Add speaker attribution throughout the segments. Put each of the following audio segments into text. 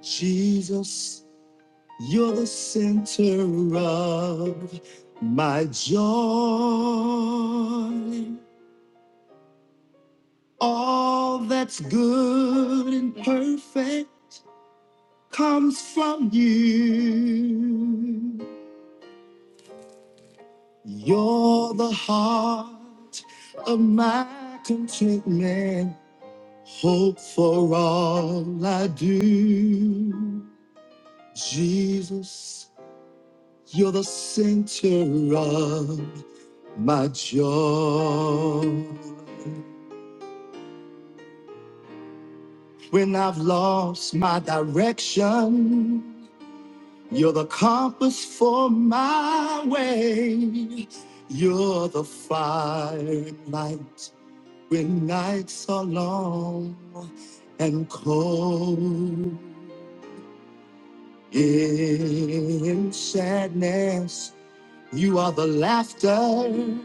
Speaker 1: Jesus, you're the center of my joy. All that's good and perfect comes from you. You're the heart of my contentment, hope for all I do. Jesus, you're the center of my joy. When I've lost my direction, you're the compass for my way. You're the fire and light when nights are long and cold. In sadness, you are the laughter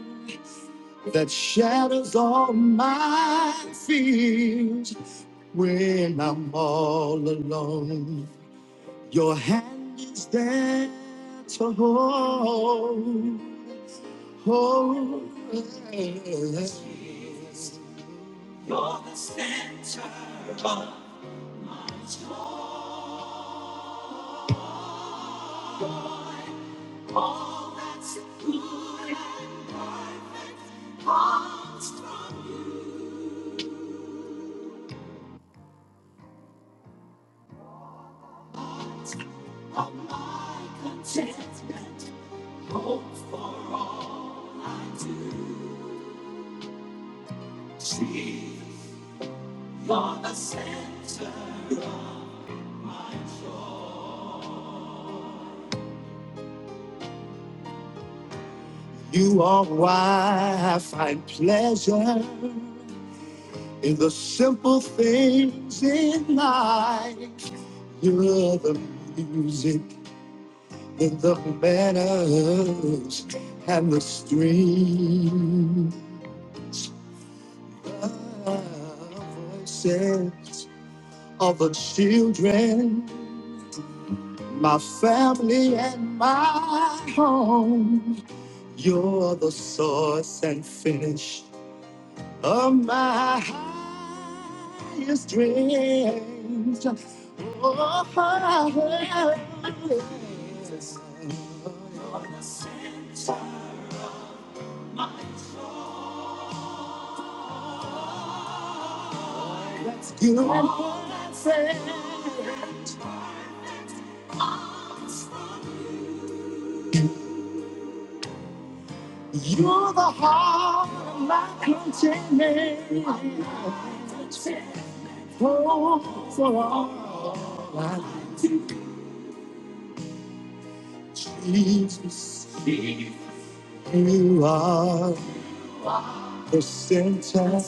Speaker 1: that shatters all my fears when I'm all alone. Your hand is there to hold. hold. You are why I find pleasure in the simple things in life. You're the music in the meadows and the stream. The voices of the children, my family and my home. You're the source and finish of my highest dreams. Oh, yes. You're the center, my Let's do it You're the heart of my continent. Oh, for all I need, Jesus, you are the center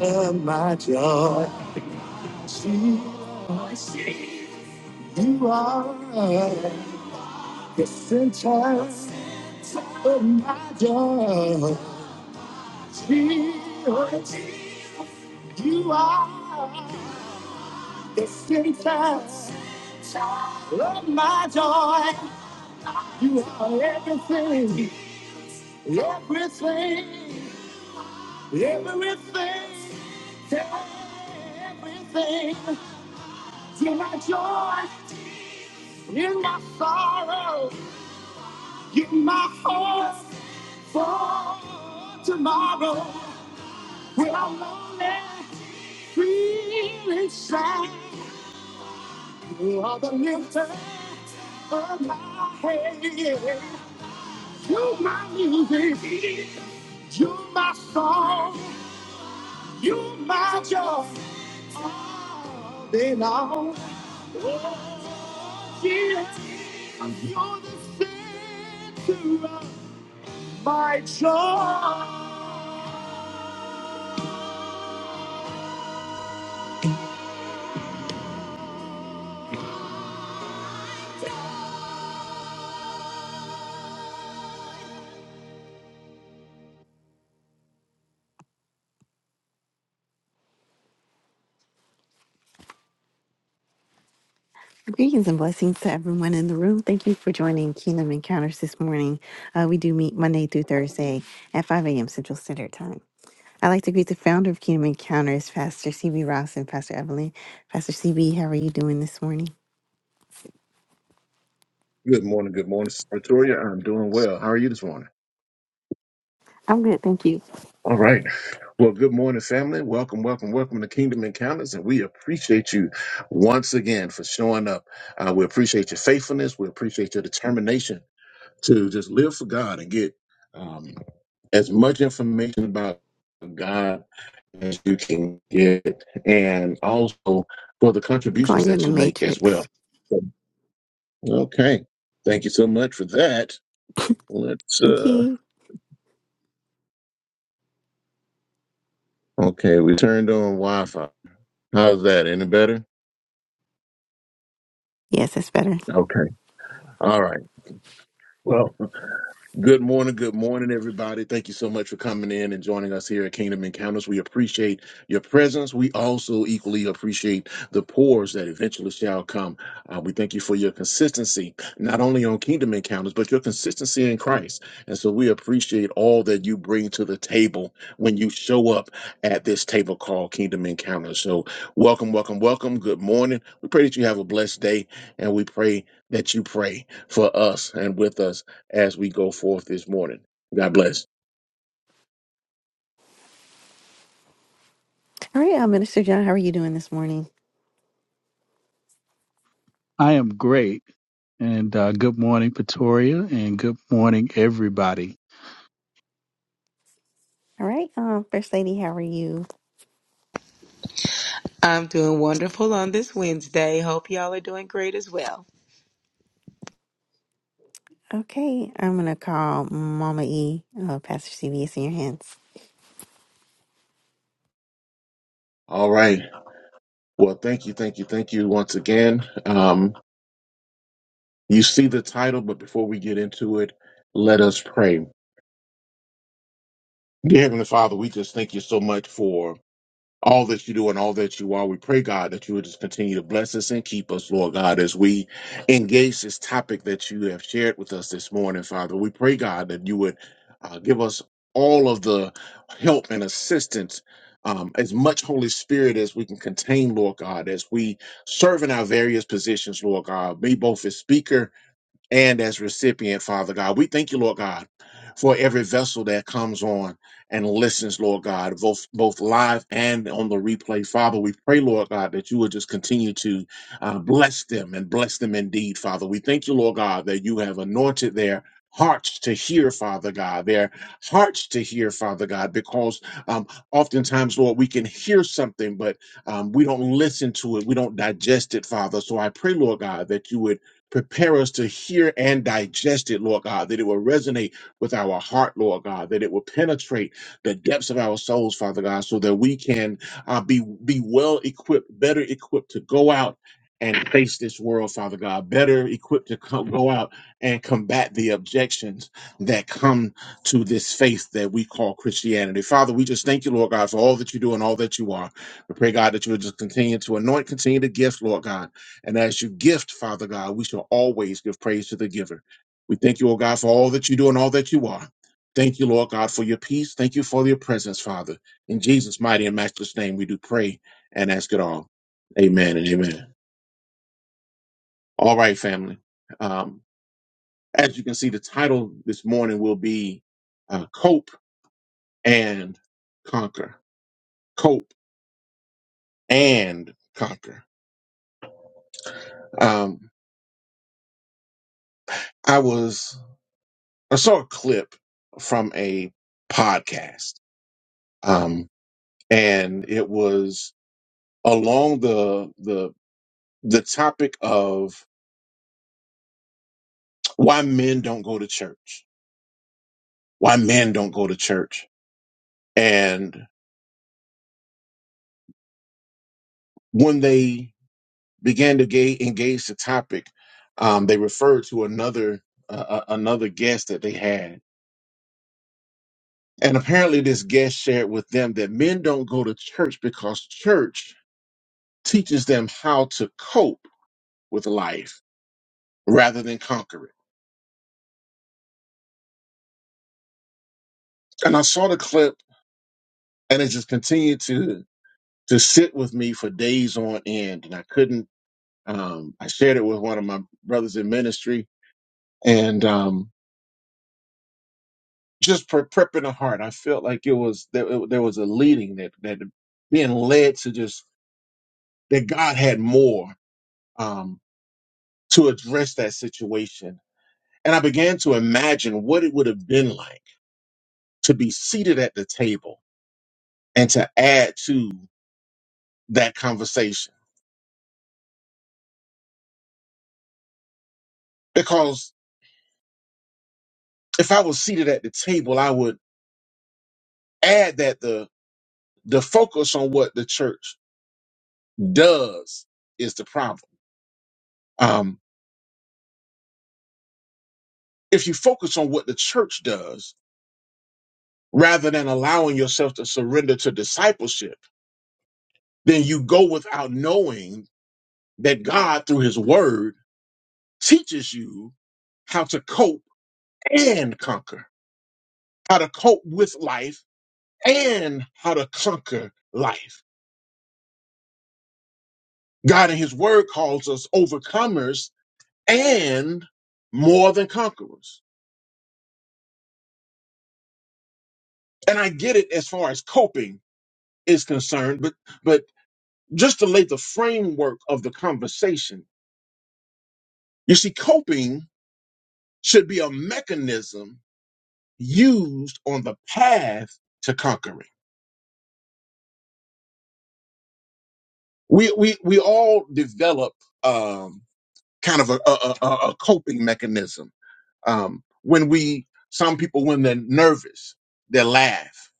Speaker 1: of my joy. Jesus, you are the center of my joy. Jesus, you are. The center of my joy. You are everything, everything, everything, everything. You're my joy, you're my sorrow, you're my hope for tomorrow. When I'm lonely, feeling sad, you are the lifter of my head. You my music, you my song, you my joy, then all. Oh, yeah, you're the center of my joy. Greetings and blessings to everyone in the room. Thank you for joining Kingdom Encounters this morning. Uh, we do meet Monday through Thursday at 5 a.m. Central Standard Time. I'd like to greet the founder of Kingdom Encounters, Pastor CB Ross and Pastor Evelyn. Pastor CB, how are you doing this morning?
Speaker 2: Good morning. Good morning, Sister Victoria. I'm doing well. How are you this morning?
Speaker 1: I'm good, thank you.
Speaker 2: All right. Well, good morning, family. Welcome, welcome, welcome to Kingdom Encounters. And we appreciate you once again for showing up. Uh, we appreciate your faithfulness. We appreciate your determination to just live for God and get um, as much information about God as you can get, and also for the contributions
Speaker 1: Going in
Speaker 2: that
Speaker 1: the
Speaker 2: you make as well.
Speaker 1: matrix.
Speaker 2: Okay. Thank you so much for that. Let's
Speaker 1: Thank
Speaker 2: uh,
Speaker 1: you.
Speaker 2: Okay, we turned on Wi Fi. How's that? Any better?
Speaker 1: Yes, that's better.
Speaker 2: Okay. All right. Well, Good morning, good morning, everybody. Thank you so much for coming in and joining us here at Kingdom Encounters. We appreciate your presence. We also equally appreciate the pores that eventually shall come. Uh, we thank you for your consistency, not only on Kingdom Encounters, but your consistency in Christ. And so we appreciate all that you bring to the table when you show up at this table called Kingdom Encounters. So welcome, welcome, welcome. Good morning. We pray that you have a blessed day, and we pray that you pray for us and with us as we go forth this morning. God bless.
Speaker 1: All right, uh, Minister John, how are you doing this morning?
Speaker 3: I am great. And uh, good morning, Pretoria, and good morning, everybody.
Speaker 1: All right, um, First Lady, how are you?
Speaker 4: I'm doing wonderful on this Wednesday. Hope y'all are doing great as well.
Speaker 1: Okay, I'm gonna call Mama E. Uh, Pastor CB, it's in your hands.
Speaker 2: All right. Well, thank you, thank you, thank you once again. Um, you see the title, but before we get into it, let us pray. Dear Heavenly Father, we just thank you so much for all that you do and all that you are. We pray, God, that you would just continue to bless us and keep us, Lord God, as we engage this topic that you have shared with us this morning, Father. We pray, God, that you would uh, give us all of the help and assistance. Um, as much Holy Spirit as we can contain, Lord God, as we serve in our various positions, Lord God, be both as speaker and as recipient, Father God. We thank you, Lord God, for every vessel that comes on and listens, Lord God, both both live and on the replay. Father, we pray, Lord God, that you will just continue to uh, bless them and bless them indeed, Father. We thank you, Lord God, that you have anointed their hearts to hear father god their hearts to hear father god because um oftentimes lord we can hear something but um we don't listen to it we don't digest it father so i pray lord god that you would Prepare us to hear and digest it, Lord God, that it will resonate with our heart, Lord God, that it will penetrate the depths of our souls, Father God, so that we can uh, be be well equipped, better equipped to go out and face this world, Father God, better equipped to co- go out and combat the objections that come to this faith that we call Christianity. Father, we just thank you, Lord God, for all that you do and all that you are. We pray, God, that you would just continue to anoint, continue to gift, Lord God. And as you gift, Father God, we shall always give praise to the giver. We thank you, O God, for all that you do and all that you are. Thank you, Lord God, for your peace. Thank you for your presence, Father. In Jesus' mighty and matchless name, we do pray and ask it all. Amen and amen. All right, family. Um, as you can see, the title this morning will be uh, Cope and Conquer. Cope and Conquer. Um, I was, I saw a clip from a podcast um, and it was along the the the topic of why men don't go to church, why men don't go to church, and when they began to ga- engage the topic, um, they referred to another uh, another guest that they had, and apparently this guest shared with them that men don't go to church because church teaches them how to cope with life rather than conquer it. And I saw the clip, and it just continued to. to sit with me for days on end. And I couldn't, um, I shared it with one of my brothers in ministry and, um, just pre- prepping the heart. I felt like it was, there, it, there was a leading that, that being led to just, that God had more, um, to address that situation. And I began to imagine what it would have been like to be seated at the table and to add to that conversation. Because if I was seated at the table, I would add that the the focus on what the church does is the problem. Um, if you focus on what the church does rather than allowing yourself to surrender to discipleship, then you go without knowing that God, through his word, teaches you how to cope and conquer, how to cope with life and how to conquer life. God in his word calls us overcomers and more than conquerors. And I get it as far as coping is concerned, but but just to lay the framework of the conversation, you see, coping should be a mechanism used on the path to conquering. We we we all develop um, kind of a, a, a, a coping mechanism um, when we. Some people, when they're nervous, they laugh.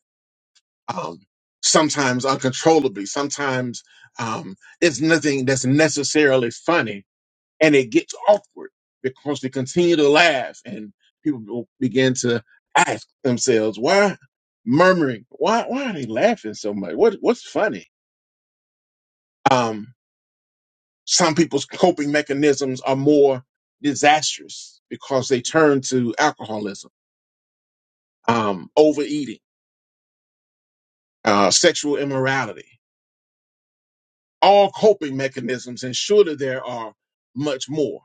Speaker 2: Um, sometimes uncontrollably. Sometimes um, it's nothing that's necessarily funny and it gets awkward because they continue to laugh and people will begin to ask themselves why murmuring why why are they laughing so much what what's funny um some people's coping mechanisms are more disastrous because they turn to alcoholism um overeating uh sexual immorality all coping mechanisms and surely there are much more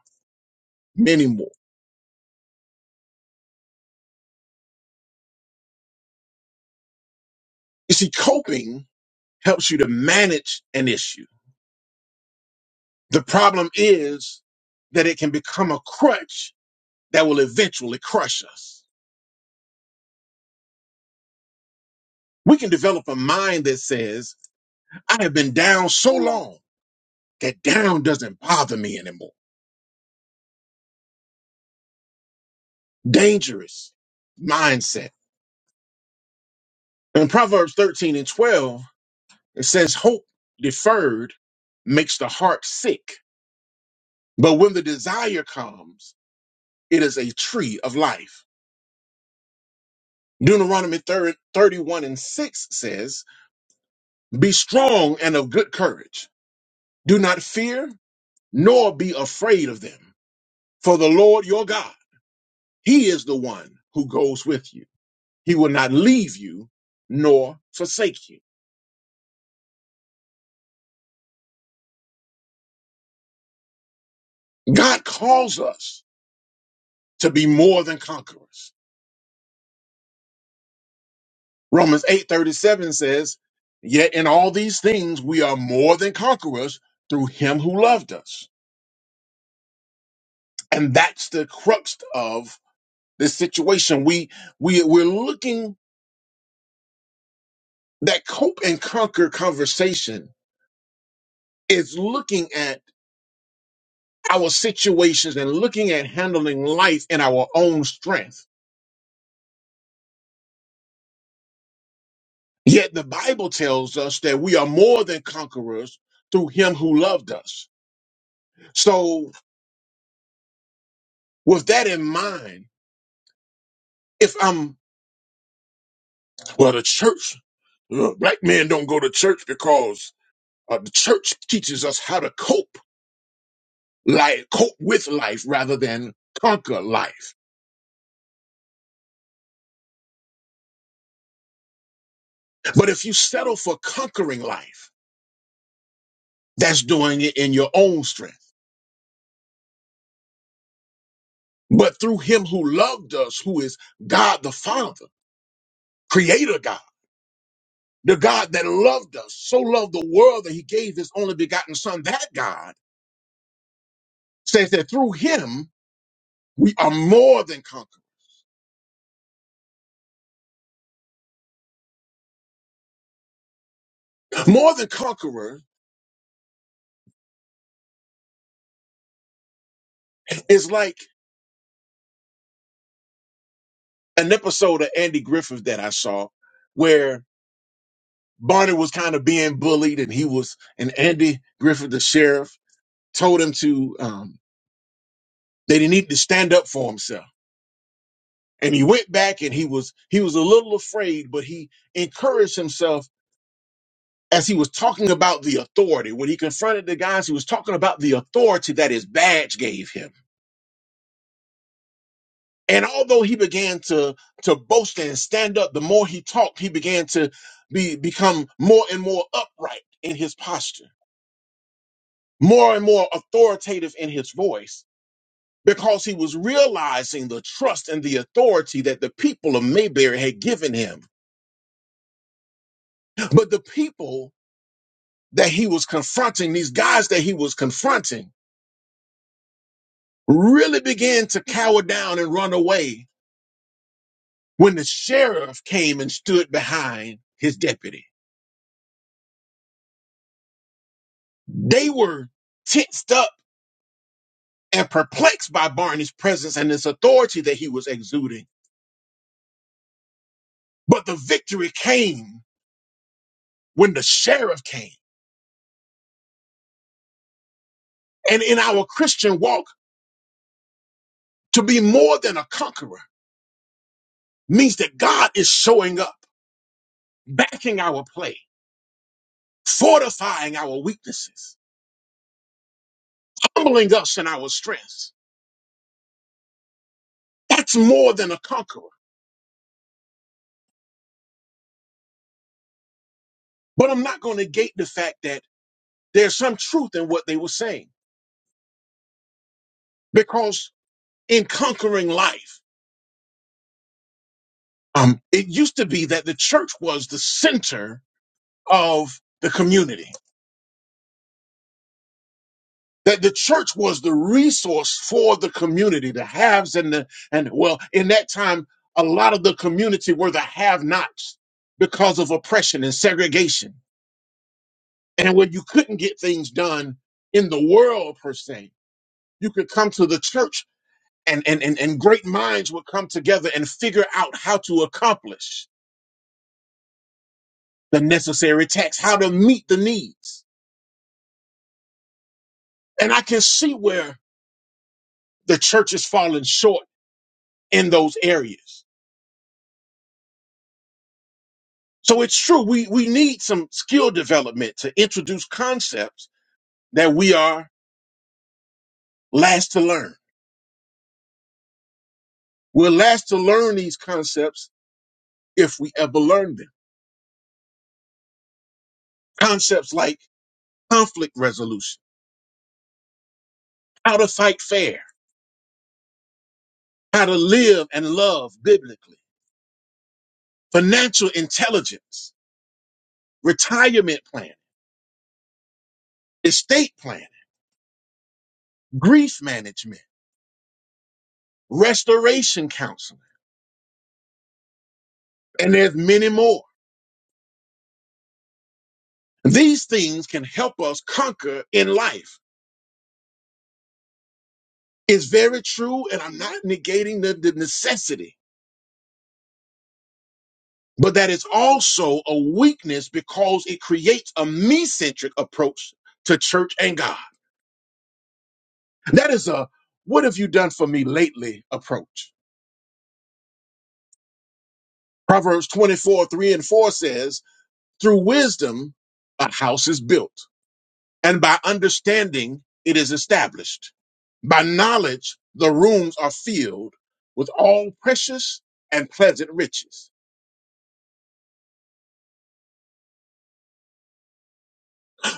Speaker 2: many more you see coping helps you to manage an issue The problem is that it can become a crutch that will eventually crush us. We can develop a mind that says, I have been down so long that down doesn't bother me anymore. Dangerous mindset. In Proverbs 13 and 12, it says, Hope deferred makes the heart sick, but when the desire comes, it is a tree of life. Deuteronomy 31 and 6 says, Be strong and of good courage Do not fear, nor be afraid of them. For the Lord your God, He is the one who goes with you. He will not leave you nor forsake you. God calls us to be more than conquerors. Romans 8:37 says, "Yet in all these things we are more than conquerors through him who loved us." And that's the crux of this situation. We we we're looking that cope and conquer conversation is looking at our situations and looking at handling life in our own strength. Yet the Bible tells us that we are more than conquerors through him who loved us. So with that in mind, if I'm, well, the church, ugh, black men don't go to church because uh, the church teaches us how to cope, like cope with life rather than conquer life. But if you settle for conquering life, that's doing it in your own strength. but through him who loved us, who is God the Father, creator God, the God that loved us, so loved the world that he gave his only begotten son. That God says that through him, we are more than conquerors. More than conqueror is like an episode of Andy Griffith that I saw where Barney was kind of being bullied and he was, and Andy Griffith, the sheriff, told him to, um, that he needed to stand up for himself and he went back and he was he was a little afraid but he encouraged himself as he was talking about the authority when he confronted the guys he was talking about the authority that his badge gave him and although he began to to boast and stand up the more he talked he began to be become more and more upright in his posture more and more authoritative in his voice because he was realizing the trust and the authority that the people of Mayberry had given him but the people that he was confronting, these guys that he was confronting, really began to cower down and run away when the sheriff came and stood behind his deputy. They were tensed up and perplexed by Barney's presence and this authority that he was exuding. But the victory came when the sheriff came. And in our Christian walk, to be more than a conqueror means that God is showing up, backing our play, fortifying our weaknesses humbling us in our strength. That's more than a conqueror. But I'm not going to negate the fact that there's some truth in what they were saying because in conquering life, um, it used to be that the church was the center of the community, that the church was the resource for the community, the haves and the, and well, in that time, a lot of the community were the have nots because of oppression and segregation. And when you couldn't get things done in the world per se, you could come to the church and, and, and, and great minds would come together and figure out how to accomplish the necessary tasks, how to meet the needs. And I can see where the church is falling short in those areas. So it's true. We, we need some skill development to introduce concepts that we are last to learn. We're last to learn these concepts if we ever learn them. Concepts like conflict resolution, how to fight fair, how to live and love biblically financial intelligence, retirement planning, estate planning, grief management, restoration counseling, and there's many more. These things can help us conquer in life. It's very true, and I'm not negating the, the necessity, but that is also a weakness because it creates a me-centric approach to church and God. That is a what have you done for me lately approach. Proverbs 24, 3 and 4 says, Through wisdom, a house is built, and by understanding, it is established. By knowledge, the rooms are filled with all precious and pleasant riches.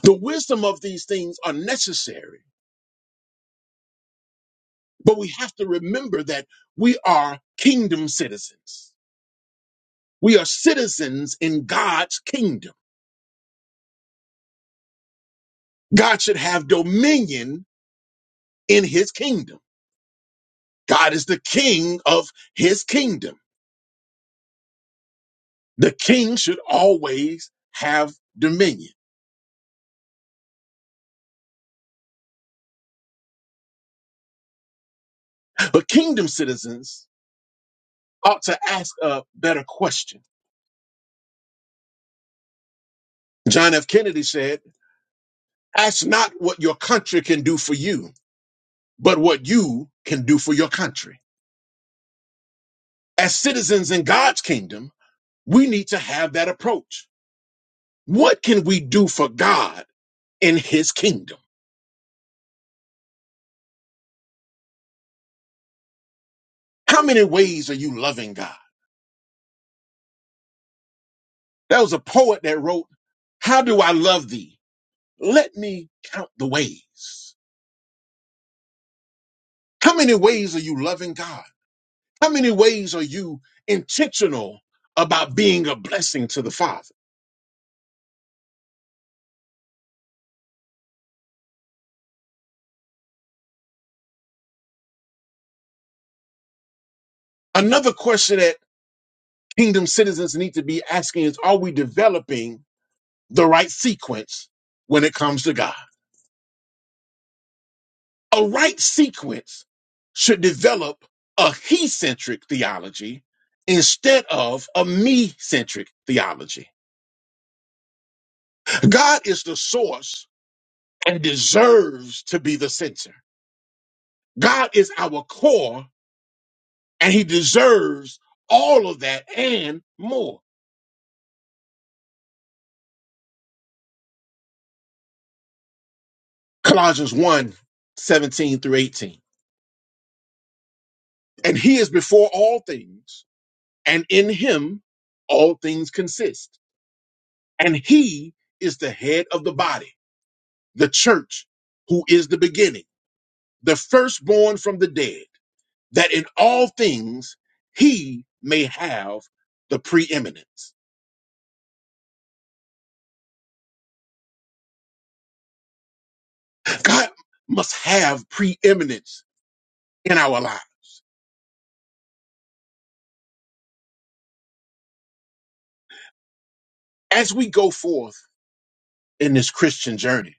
Speaker 2: The wisdom of these things are necessary, but we have to remember that we are kingdom citizens. We are citizens in God's kingdom. God should have dominion in his kingdom. God is the king of his kingdom. The king should always have dominion. But kingdom citizens ought to ask a better question. John F. Kennedy said, Ask not what your country can do for you, but what you can do for your country. As citizens in God's kingdom, we need to have that approach. What can we do for God in his kingdom? How many ways are you loving God? There was a poet that wrote, How do I love thee? Let me count the ways. How many ways are you loving God? How many ways are you intentional about being a blessing to the Father? Another question that kingdom citizens need to be asking is are we developing the right sequence when it comes to God? A right sequence should develop a he centric theology instead of a me centric theology. God is the source and deserves to be the center. God is our core and he deserves all of that and more. Colossians one 17 through 18. And he is before all things, and in him all things consist. And he is the head of the body, the church, who is the beginning, the firstborn from the dead, that in all things he may have the preeminence. God must have preeminence in our lives as we go forth in this Christian journey.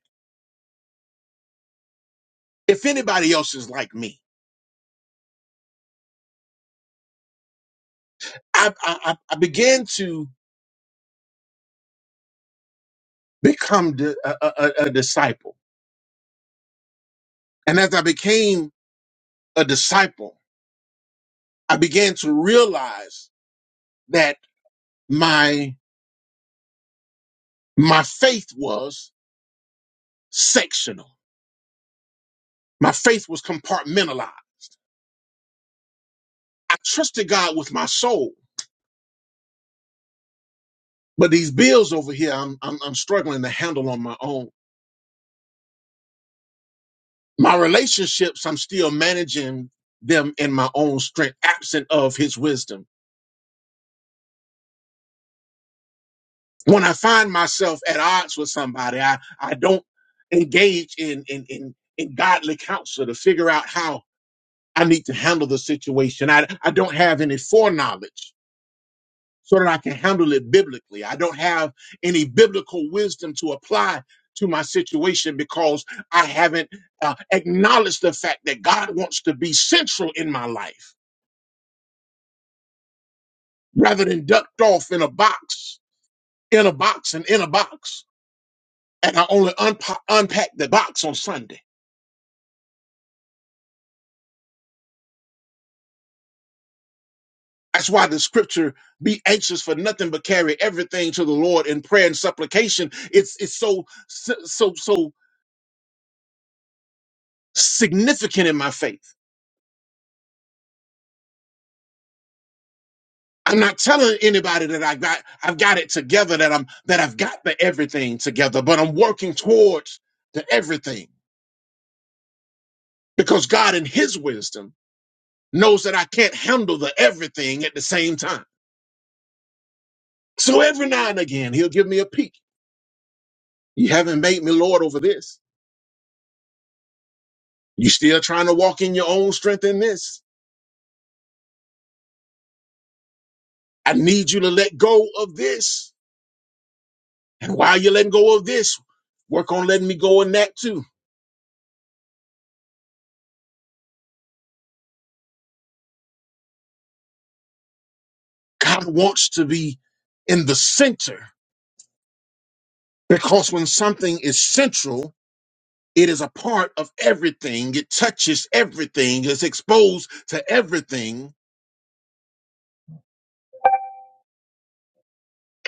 Speaker 2: If anybody else is like me, I, I, I I began to become di- a, a, a a disciple. And as I became a disciple, I began to realize that my, my faith was sectional. My faith was compartmentalized. I trusted God with my soul, but these bills over here, I'm, I'm, I'm struggling to handle on my own. My relationships, I'm still managing them in my own strength, absent of his wisdom when I find myself at odds with somebody, I, I don't engage in, in, in, in godly counsel to figure out how I need to handle the situation. I, I don't have any foreknowledge so that I can handle it biblically. I don't have any biblical wisdom to apply to my situation because I haven't uh, acknowledged the fact that God wants to be central in my life rather than ducked off in a box, in a box, and in a box. and I only unpa- unpack the box on Sunday. That's why the scripture be anxious for nothing but carry everything to the Lord in prayer and supplication. It's it's so so so so significant in my faith. I'm not telling anybody that I got I've got it together that I'm that I've got the everything together, but I'm working towards the everything because God in his wisdom knows that I can't handle the everything at the same time. So every now and again he'll give me a peek. You haven't made me Lord over this. You still trying to walk in your own strength in this. I need you to let go of this. And while you're letting go of this, work on letting me go in that too. God wants to be in the center because when something is central, it is a part of everything. It touches everything. It's exposed to everything.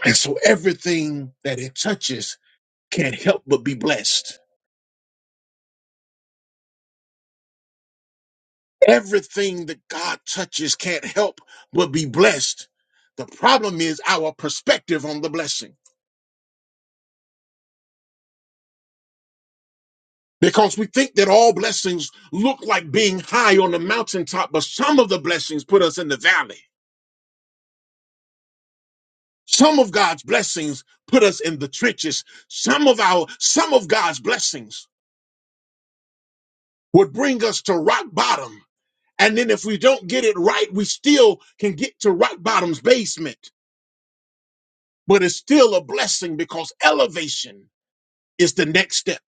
Speaker 2: And so everything that it touches can't help but be blessed. Everything that God touches can't help but be blessed. The problem is our perspective on the blessing. Because we think that all blessings look like being high on the mountaintop, but some of the blessings put us in the valley. Some of God's blessings put us in the trenches. Some of our some of God's blessings would bring us to rock bottom. And then if we don't get it right, we still can get to rock bottom's basement. But it's still a blessing because elevation is the next step.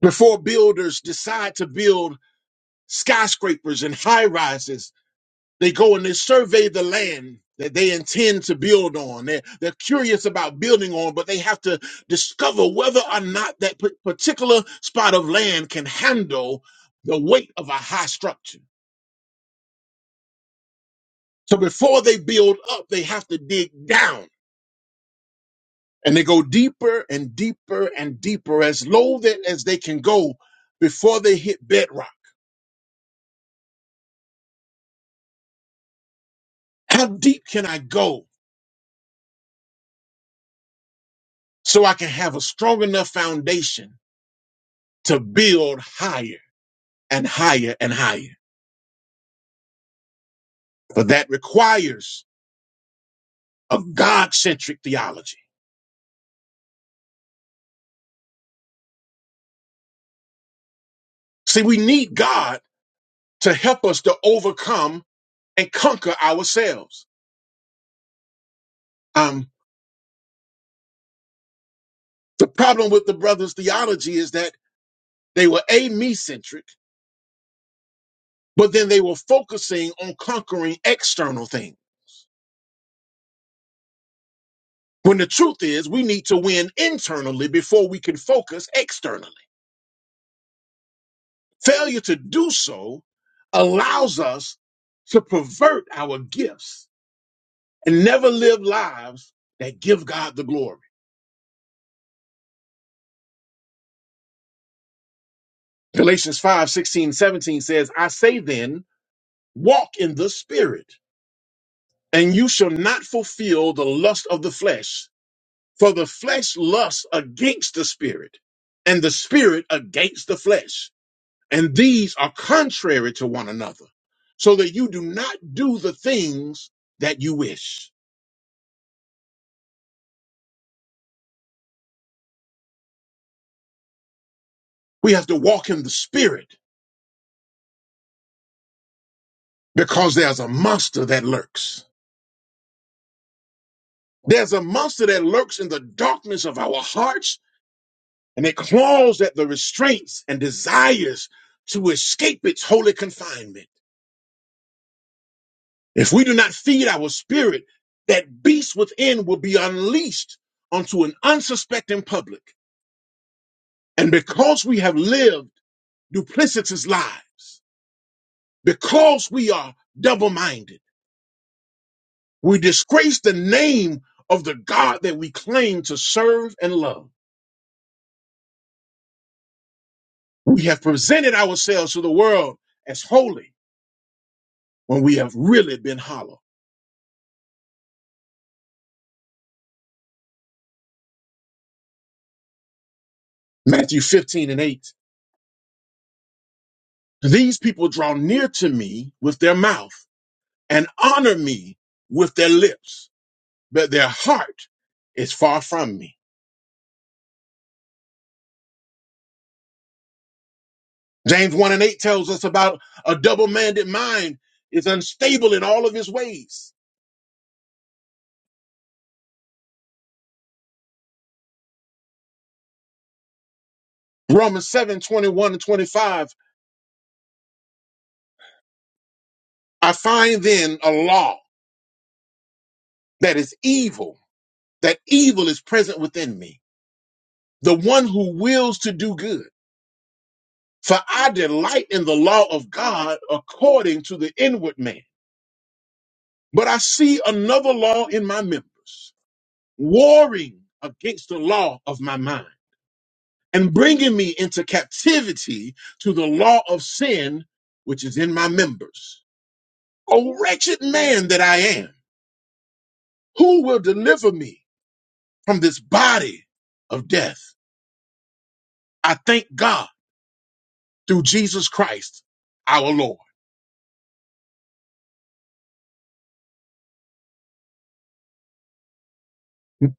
Speaker 2: Before builders decide to build skyscrapers and high rises, they go and they survey the land that they intend to build on. They're, they're curious about building on, but they have to discover whether or not that p- particular spot of land can handle the weight of a high structure. So before they build up, they have to dig down and they go deeper and deeper and deeper as low that as they can go before they hit bedrock. How deep can I go? so I can have a strong enough foundation to build higher and higher and higher. But that requires a God centric theology. See, we need God to help us to overcome and conquer ourselves. Um, the problem with the brothers' theology is that they were a me centric, but then they were focusing on conquering external things. When the truth is, we need to win internally before we can focus externally. Failure to do so allows us to pervert our gifts and never live lives that give God the glory. Galatians five sixteen seventeen says, I say then, walk in the Spirit, and you shall not fulfill the lust of the flesh. For the flesh lusts against the Spirit, and the Spirit against the flesh. And these are contrary to one another, so that you do not do the things that you wish. We have to walk in the spirit because there's a monster that lurks. There's a monster that lurks in the darkness of our hearts and it claws at the restraints and desires to escape its holy confinement. If we do not feed our spirit, that beast within will be unleashed onto an unsuspecting public. And because we have lived duplicitous lives, because we are double minded, We disgrace the name of the God that we claim to serve and love. We have presented ourselves to the world as holy when we have really been hollow. Matthew 15 and 8. These people draw near to me with their mouth and honor me with their lips, but their heart is far from me. James 1 and 8 tells us about a double minded mind is unstable in all of his ways. Romans 7 21 and 25. I find then a law. that is evil, that evil is present within me, the one who wills to do good. For I delight in the law of God according to the inward man. But I see another law in my members, warring against the law of my mind and bringing me into captivity to the law of sin, which is in my members. O wretched man that I am, who will deliver me from this body of death? I thank God through Jesus Christ, our Lord.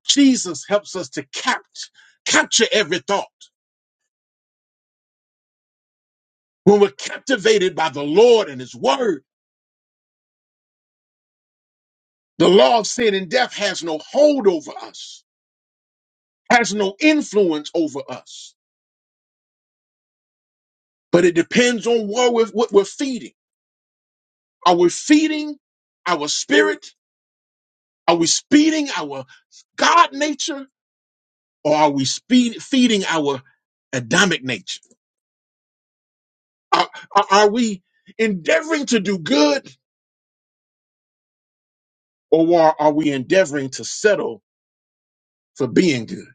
Speaker 2: Jesus helps us to capt- capture every thought. When we're captivated by the Lord and His Word, the law of sin and death has no hold over us, has no influence over us. But it depends on what we're, what we're feeding. Are we feeding our spirit? Are we feeding our God nature? Or are we speed, feeding our Adamic nature? Are, are are we endeavoring to do good or are we endeavoring to settle for being good?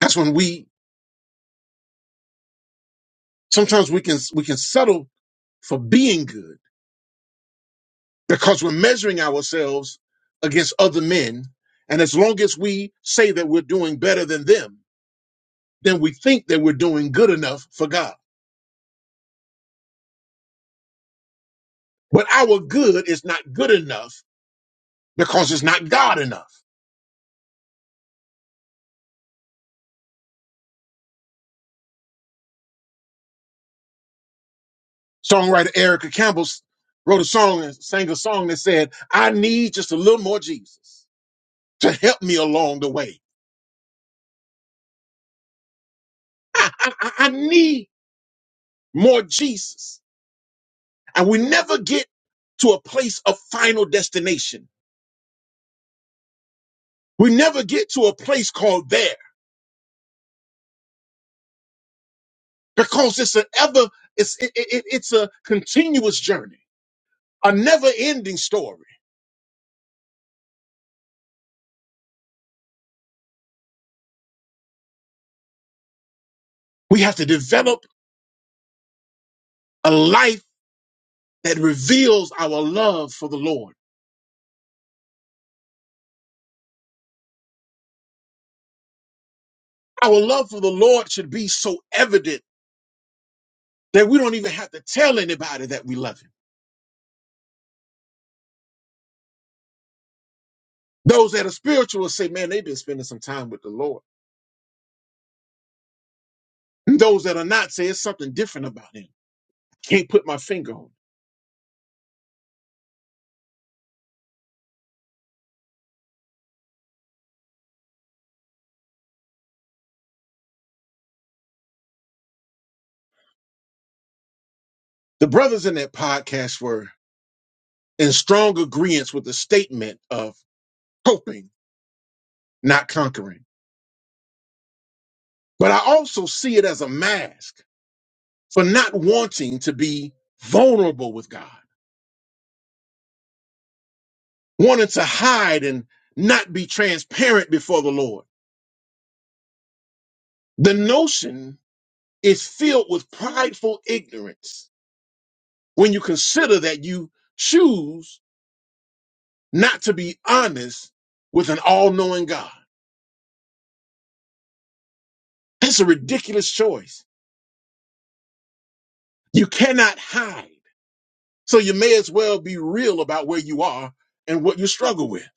Speaker 2: That's when we sometimes we can we can settle for being good because we're measuring ourselves against other men, and as long as we say that we're doing better than them, then we think that we're doing good enough for God. But our good is not good enough because it's not God enough. Songwriter Erica Campbell s- wrote a song and sang a song that said, "I need just a little more Jesus to help me along the way." I, I, I I need more Jesus. And we never get to a place of final destination. We never get to a place called there because it's an ever, it's, it, it, it- it's a continuous journey, a never ending story. We have to develop a life that reveals our love for the Lord. Our love for the Lord should be so evident that we don't even have to tell anybody that we love him. Those that are spiritual will say, man, they've been spending some time with the Lord. And those that are not say it's something different about him. I Can't put my finger on. it. The brothers in that podcast were in strong agreement with the statement of coping, not conquering. But I also see it as a mask for not wanting to be vulnerable with God, wanting to hide and not be transparent before the Lord. The notion is filled with prideful ignorance when you consider that you choose not to be honest with an all knowing God. That's a ridiculous choice. You cannot hide. So you may as well be real about where you are and what you struggle with.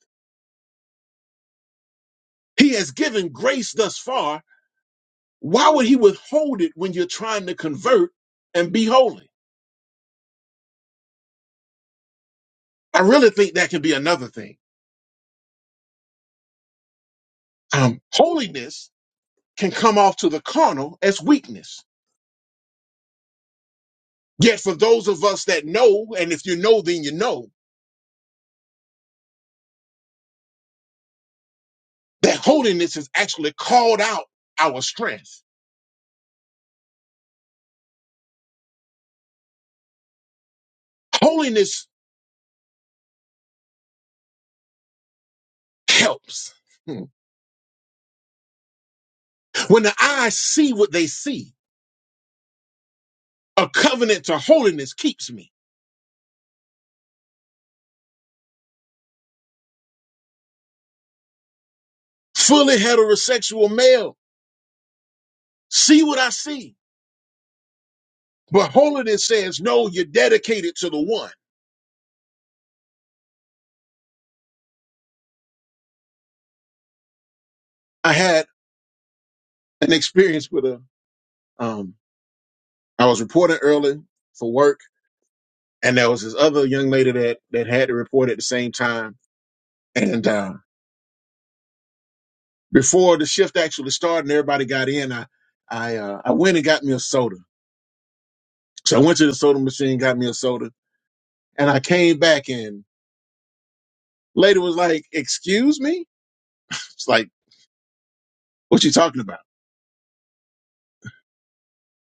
Speaker 2: He has given grace thus far. Why would he withhold it when you're trying to convert and be holy? I really think that can be another thing. Um, holiness can come off to the carnal as weakness. Yet for those of us that know, and if you know, then you know that holiness is actually called out our strength. Holiness helps. Hmm. When the eyes see what they see, a covenant to holiness keeps me. Fully heterosexual male, see what I see. But holiness says, no, you're dedicated to the one. I had an experience with a, um, I was reporting early for work, and there was this other young lady that, that had to report at the same time. And uh, before the shift actually started and everybody got in, I, I, uh, I went and got me a soda. So I went to the soda machine, got me a soda, and I came back in Lady was like, excuse me? It's like, what you talking about?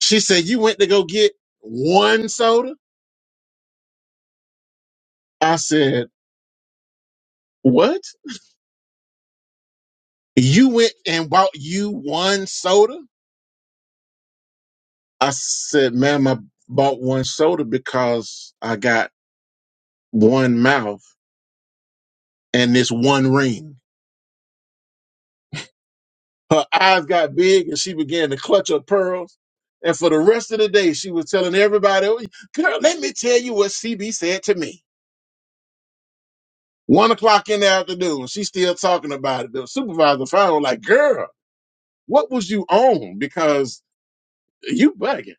Speaker 2: She said, you went to go get one soda? I said, what? You went and bought you one soda? I said, ma'am, I bought one soda because I got one mouth and this one ring. Her eyes got big and she began to clutch her pearls. And for the rest of the day, she was telling everybody, girl, let me tell you what CB said to me. One o'clock in the afternoon, she's still talking about it. The supervisor finally was like, girl, what was you on? Because you bugging.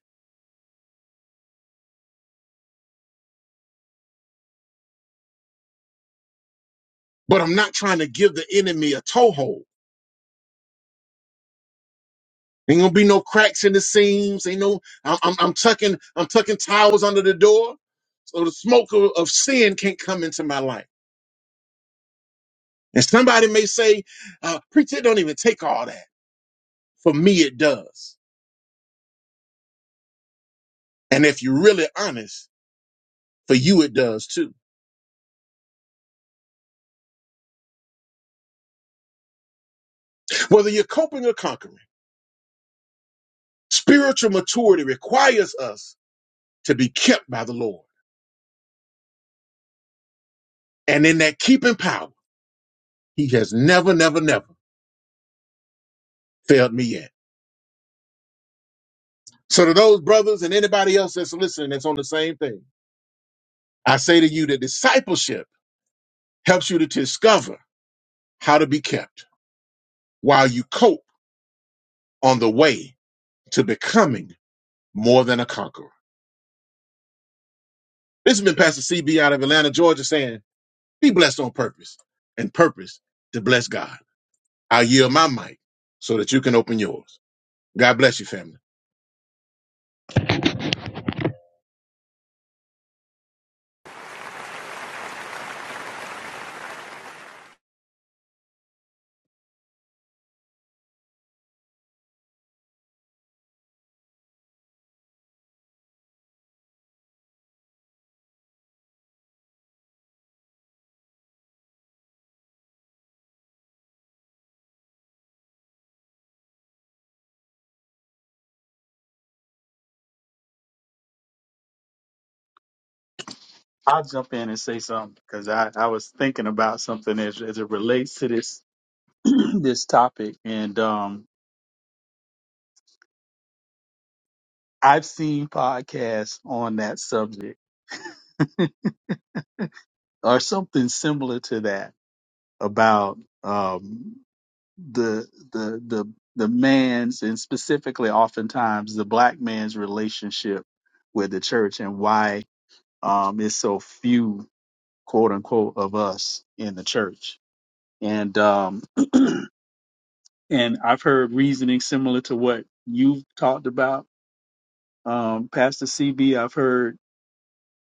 Speaker 2: But I'm not trying to give the enemy a toehold. Ain't gonna be no cracks in the seams. Ain't no, I'm, I'm, I'm tucking, I'm tucking towels under the door. So the smoke of, of sin can't come into my life. And somebody may say, uh, preacher, it don't even take all that. For me, it does. And if you're really honest, for you, it does too. Whether you're coping or conquering. Spiritual maturity requires us to be kept by the Lord. And in that keeping power, He has never, never, never failed me yet. So, to those brothers and anybody else that's listening that's on the same thing, I say to you that discipleship helps you to discover how to be kept while you cope on the way to becoming more than a conqueror. This has been Pastor CB out of Atlanta, Georgia, saying, Be blessed on purpose and purpose to bless God. I yield my mic so that you can open yours. God bless you, family.
Speaker 3: I'll jump in and say something because I, I was thinking about something as, as it relates to this this topic, and um, I've seen podcasts on that subject or something similar to that about um, the the the the man's and specifically oftentimes the black man's relationship with the church and why um, it's so few quote unquote of us in the church and um and i've heard reasoning similar to what you've talked about um pastor cb i've heard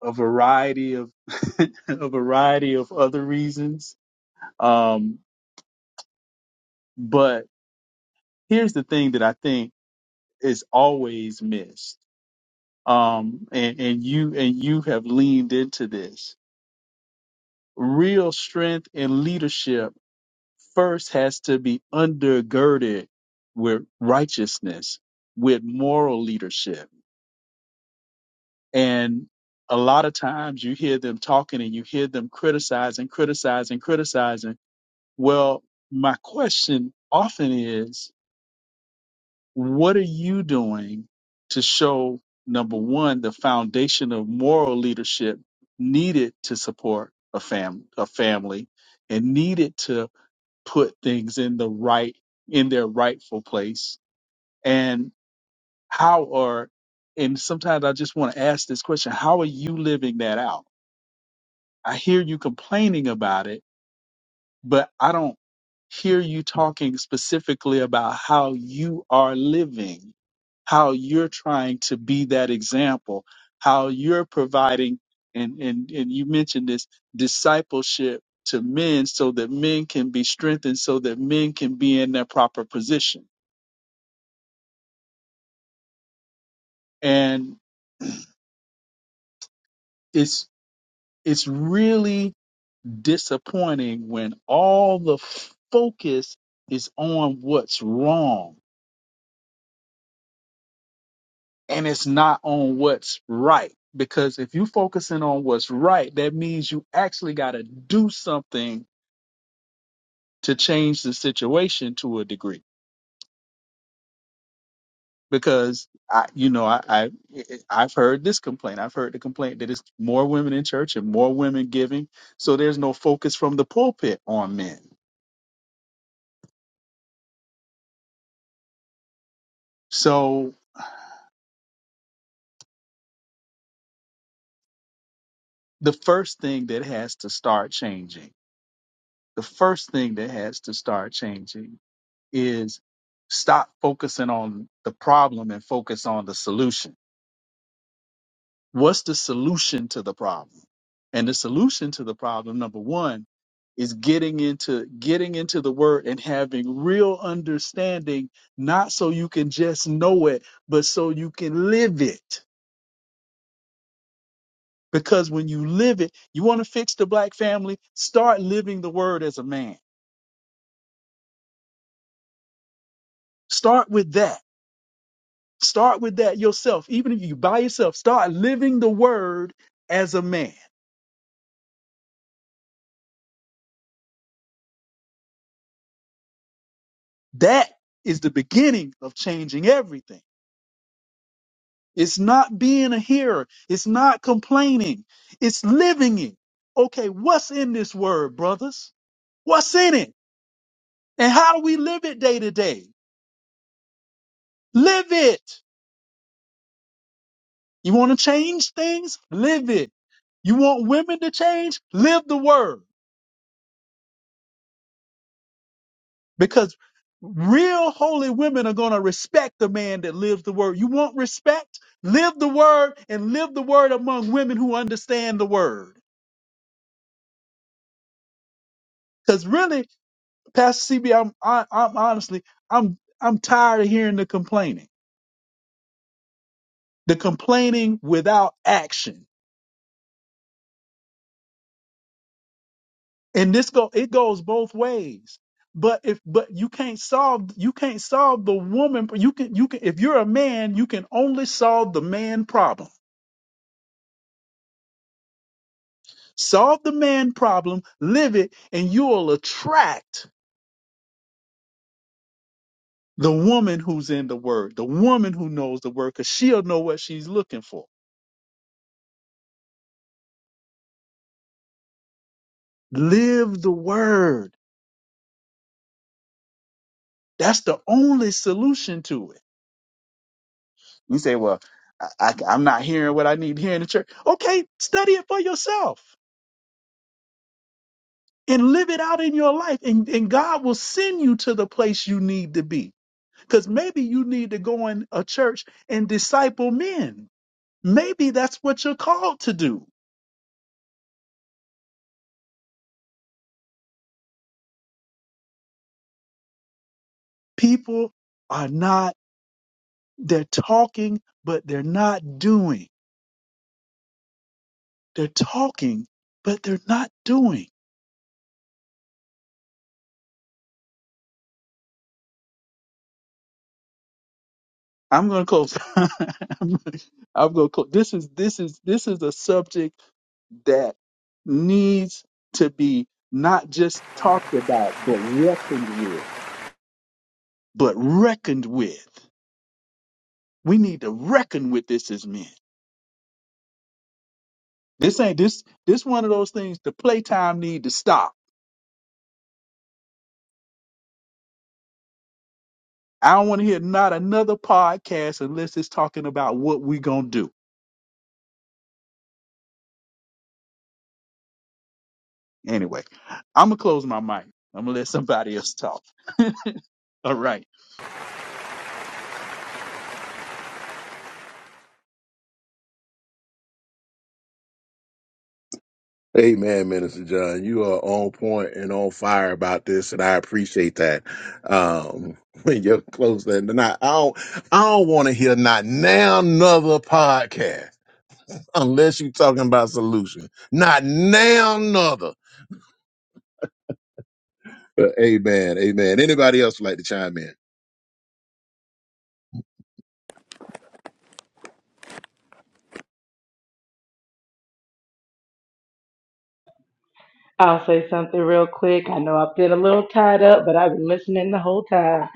Speaker 3: a variety of a variety of other reasons um but here's the thing that i think is always missed um and and you and you have leaned into this real strength and leadership first has to be undergirded with righteousness, with moral leadership. And a lot of times you hear them talking and you hear them criticizing, criticizing, criticizing. Well, my question often is, what are you doing to show, number one, the foundation of moral leadership needed to support a, fam- a family and needed to put things in the right in their rightful place and how are and sometimes i just want to ask this question how are you living that out i hear you complaining about it but I don't hear you talking specifically about how you are living, how you're trying to be that example, how you're providing, and, and, and you mentioned this discipleship to men so that men can be strengthened, so that men can be in their proper position. And it's, it's really disappointing when all the focus is on what's wrong and it's not on what's right. Because if you're focusing on what's right, that means you actually got to do something to change the situation to a degree. Because I, you know, I, I, I've heard this complaint. I've heard the complaint that it's more women in church and more women giving, so there's no focus from the pulpit on men. So the first thing that has to start changing, the first thing that has to start changing is stop focusing on the problem and focus on the solution. What's the solution to the problem? And the solution to the problem, number one, is getting into getting into the word and having real understanding, not so you can just know it, but so you can live it. Because when you live it, you want to fix the black family, start living the word as a man. Start with that Start with that yourself. Even if you by yourself, start living the word as a man. That is the beginning of changing everything. It's not being a hearer. It's not complaining. It's living it. Okay, what's in this word, brothers? What's in it? And how do we live it day to day? Live it. You want to change things? Live it. You want women to change? Live the word. Because real holy women are going to respect the man that lives the word. You want respect? Live the word and live the word among women who understand the word. Because really, Pastor CB, I'm, I, I'm honestly, I'm, I'm tired of hearing the complaining, the complaining without action. And this go, it goes both ways. But if, but you can't solve, you can't solve the woman. You can, you can, if you're a man, you can only solve the man problem Solve the man problem, live it, and you'll attract the woman who's in the word, the woman who knows the word, because she'll know what she's looking for. Live the word. That's the only solution to it. You say, well, I, am not hearing what I need to hear in the church. Okay, study it for yourself and live it out in your life. And, and God will send you to the place you need to be. Because maybe you need to go in a church and disciple men. Maybe that's what you're called to do people are not they're talking but they're not doing they're talking but they're not doing i'm going to close i'm going to close this is this is this is a subject that needs to be not just talked about but reckoned with but reckoned with we need to reckon with this as men this ain't this this one of those things the playtime need to stop I don't want to hear not another podcast unless it's talking about what we're going to do. Anyway, I'm going to close my mic. I'm going to let somebody else talk. All right.
Speaker 2: Amen, Minister John. You are on point and on fire about this, and I appreciate that. Um, when you're close that tonight, I don't, I don't want to hear not now another podcast unless you're talking about solution. Not now another. But amen, amen. Anybody else would like to chime in?
Speaker 4: I'll say something real quick. I know I've been a little tied up, but I've been listening the whole time.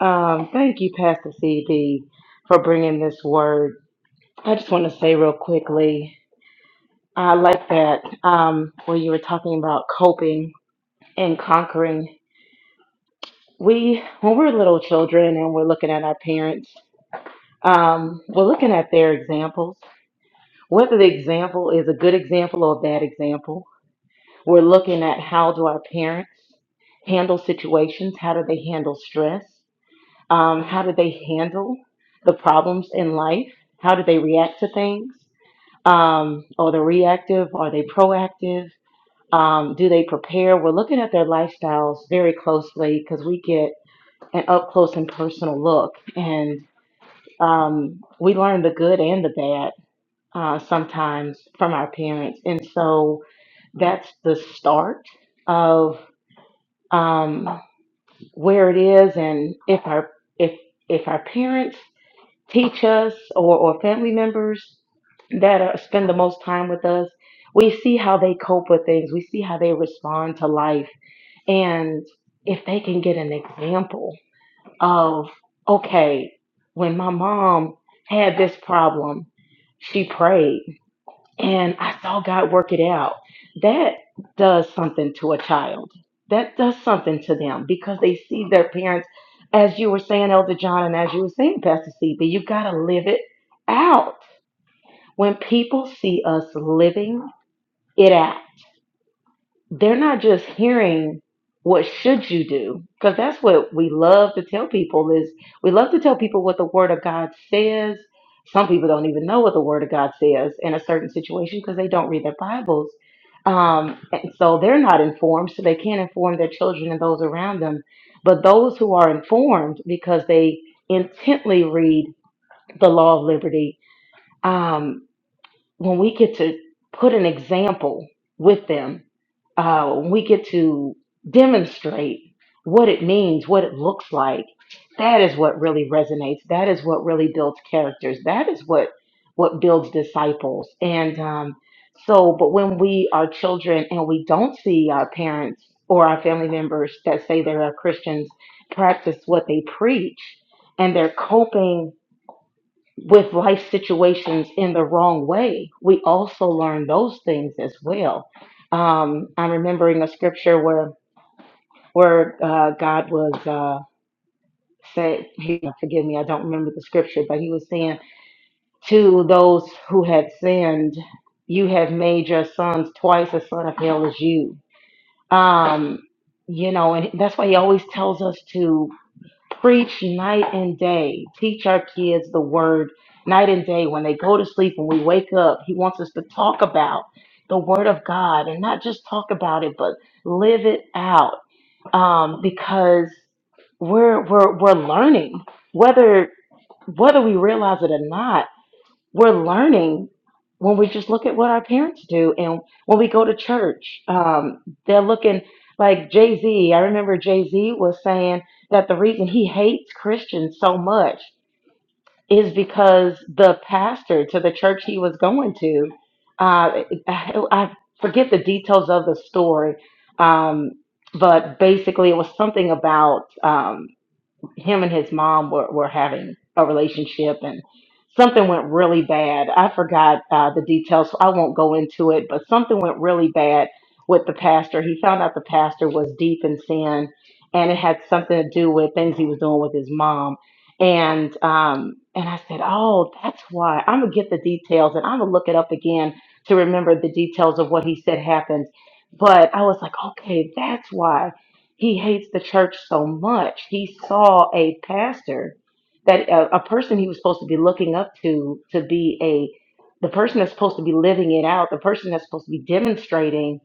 Speaker 4: Um, thank you, Pastor CB, for bringing this word. I just want to say real quickly, I like that um, when you were talking about coping and conquering. We, when we're little children and we're looking at our parents, um, we're looking at their examples, whether the example is a good example or a bad example. We're looking at how do our parents handle situations? How do they handle stress? Um, how do they handle the problems in life? How do they react to things? Um, are they reactive? Are they proactive? Um, do they prepare? We're looking at their lifestyles very closely because we get an up close and personal look, and um, we learn the good and the bad uh, sometimes from our parents. And so that's the start of um, where it is, and if our if if our parents teach us or, or family members that are, spend the most time with us, we see how they cope with things. We see how they respond to life, and if they can get an example of okay, when my mom had this problem, she prayed and I saw God work it out. That does something to a child. That does something to them because they see their parents, as you were saying, Elder John, and as you were saying, Pastor CB, you got to live it out. When people see us living it out, they're not just hearing what should you do because that's what we love to tell people is we love to tell people what the word of god says some people don't even know what the word of god says in a certain situation because they don't read their bibles um, and so they're not informed so they can't inform their children and those around them but those who are informed because they intently read the law of liberty um, when we get to put an example with them, uh, when we get to demonstrate what it means, what it looks like, that is what really resonates. That is what really builds characters. That is what what builds disciples. And um, so, but when we are children and we don't see our parents or our family members that say they are Christians practice what they preach, and they're coping with life situations in the wrong way, we also learn those things as well. Um, I'm remembering a scripture where where uh, God was uh, said, he, forgive me, I don't remember the scripture, but He was saying to those who had sinned, "You have made your sons twice as son of hell as you." Um, you know, and that's why He always tells us to Preach night and day. Teach our kids the word night and day. When they go to sleep, when we wake up, He wants us to talk about the word of God and not just talk about it, but live it out. Um, because we're we're we're learning whether whether we realize it or not we're learning when we just look at what our parents do and when we go to church um, they're looking like jay-z i remember jay-z was saying that the reason he hates christians so much is because the pastor to the church he was going to uh, I, I forget the details of the story um, but basically it was something about um, him and his mom were, were having a relationship and something went really bad. I forgot uh, the details, so I won't go into it, but something went really bad with the pastor. He found out the pastor was deep in sin and it had something to do with things he was doing with his mom. And um and I said, "Oh, that's why. I'm going to get the details and I'm going to look it up again to remember the details of what he said happened." But I was like, "Okay, that's why." he hates the church so much. He saw a pastor that a, a person he was supposed to be looking up to to be a the person that's supposed to be living it out, the person that's supposed to be demonstrating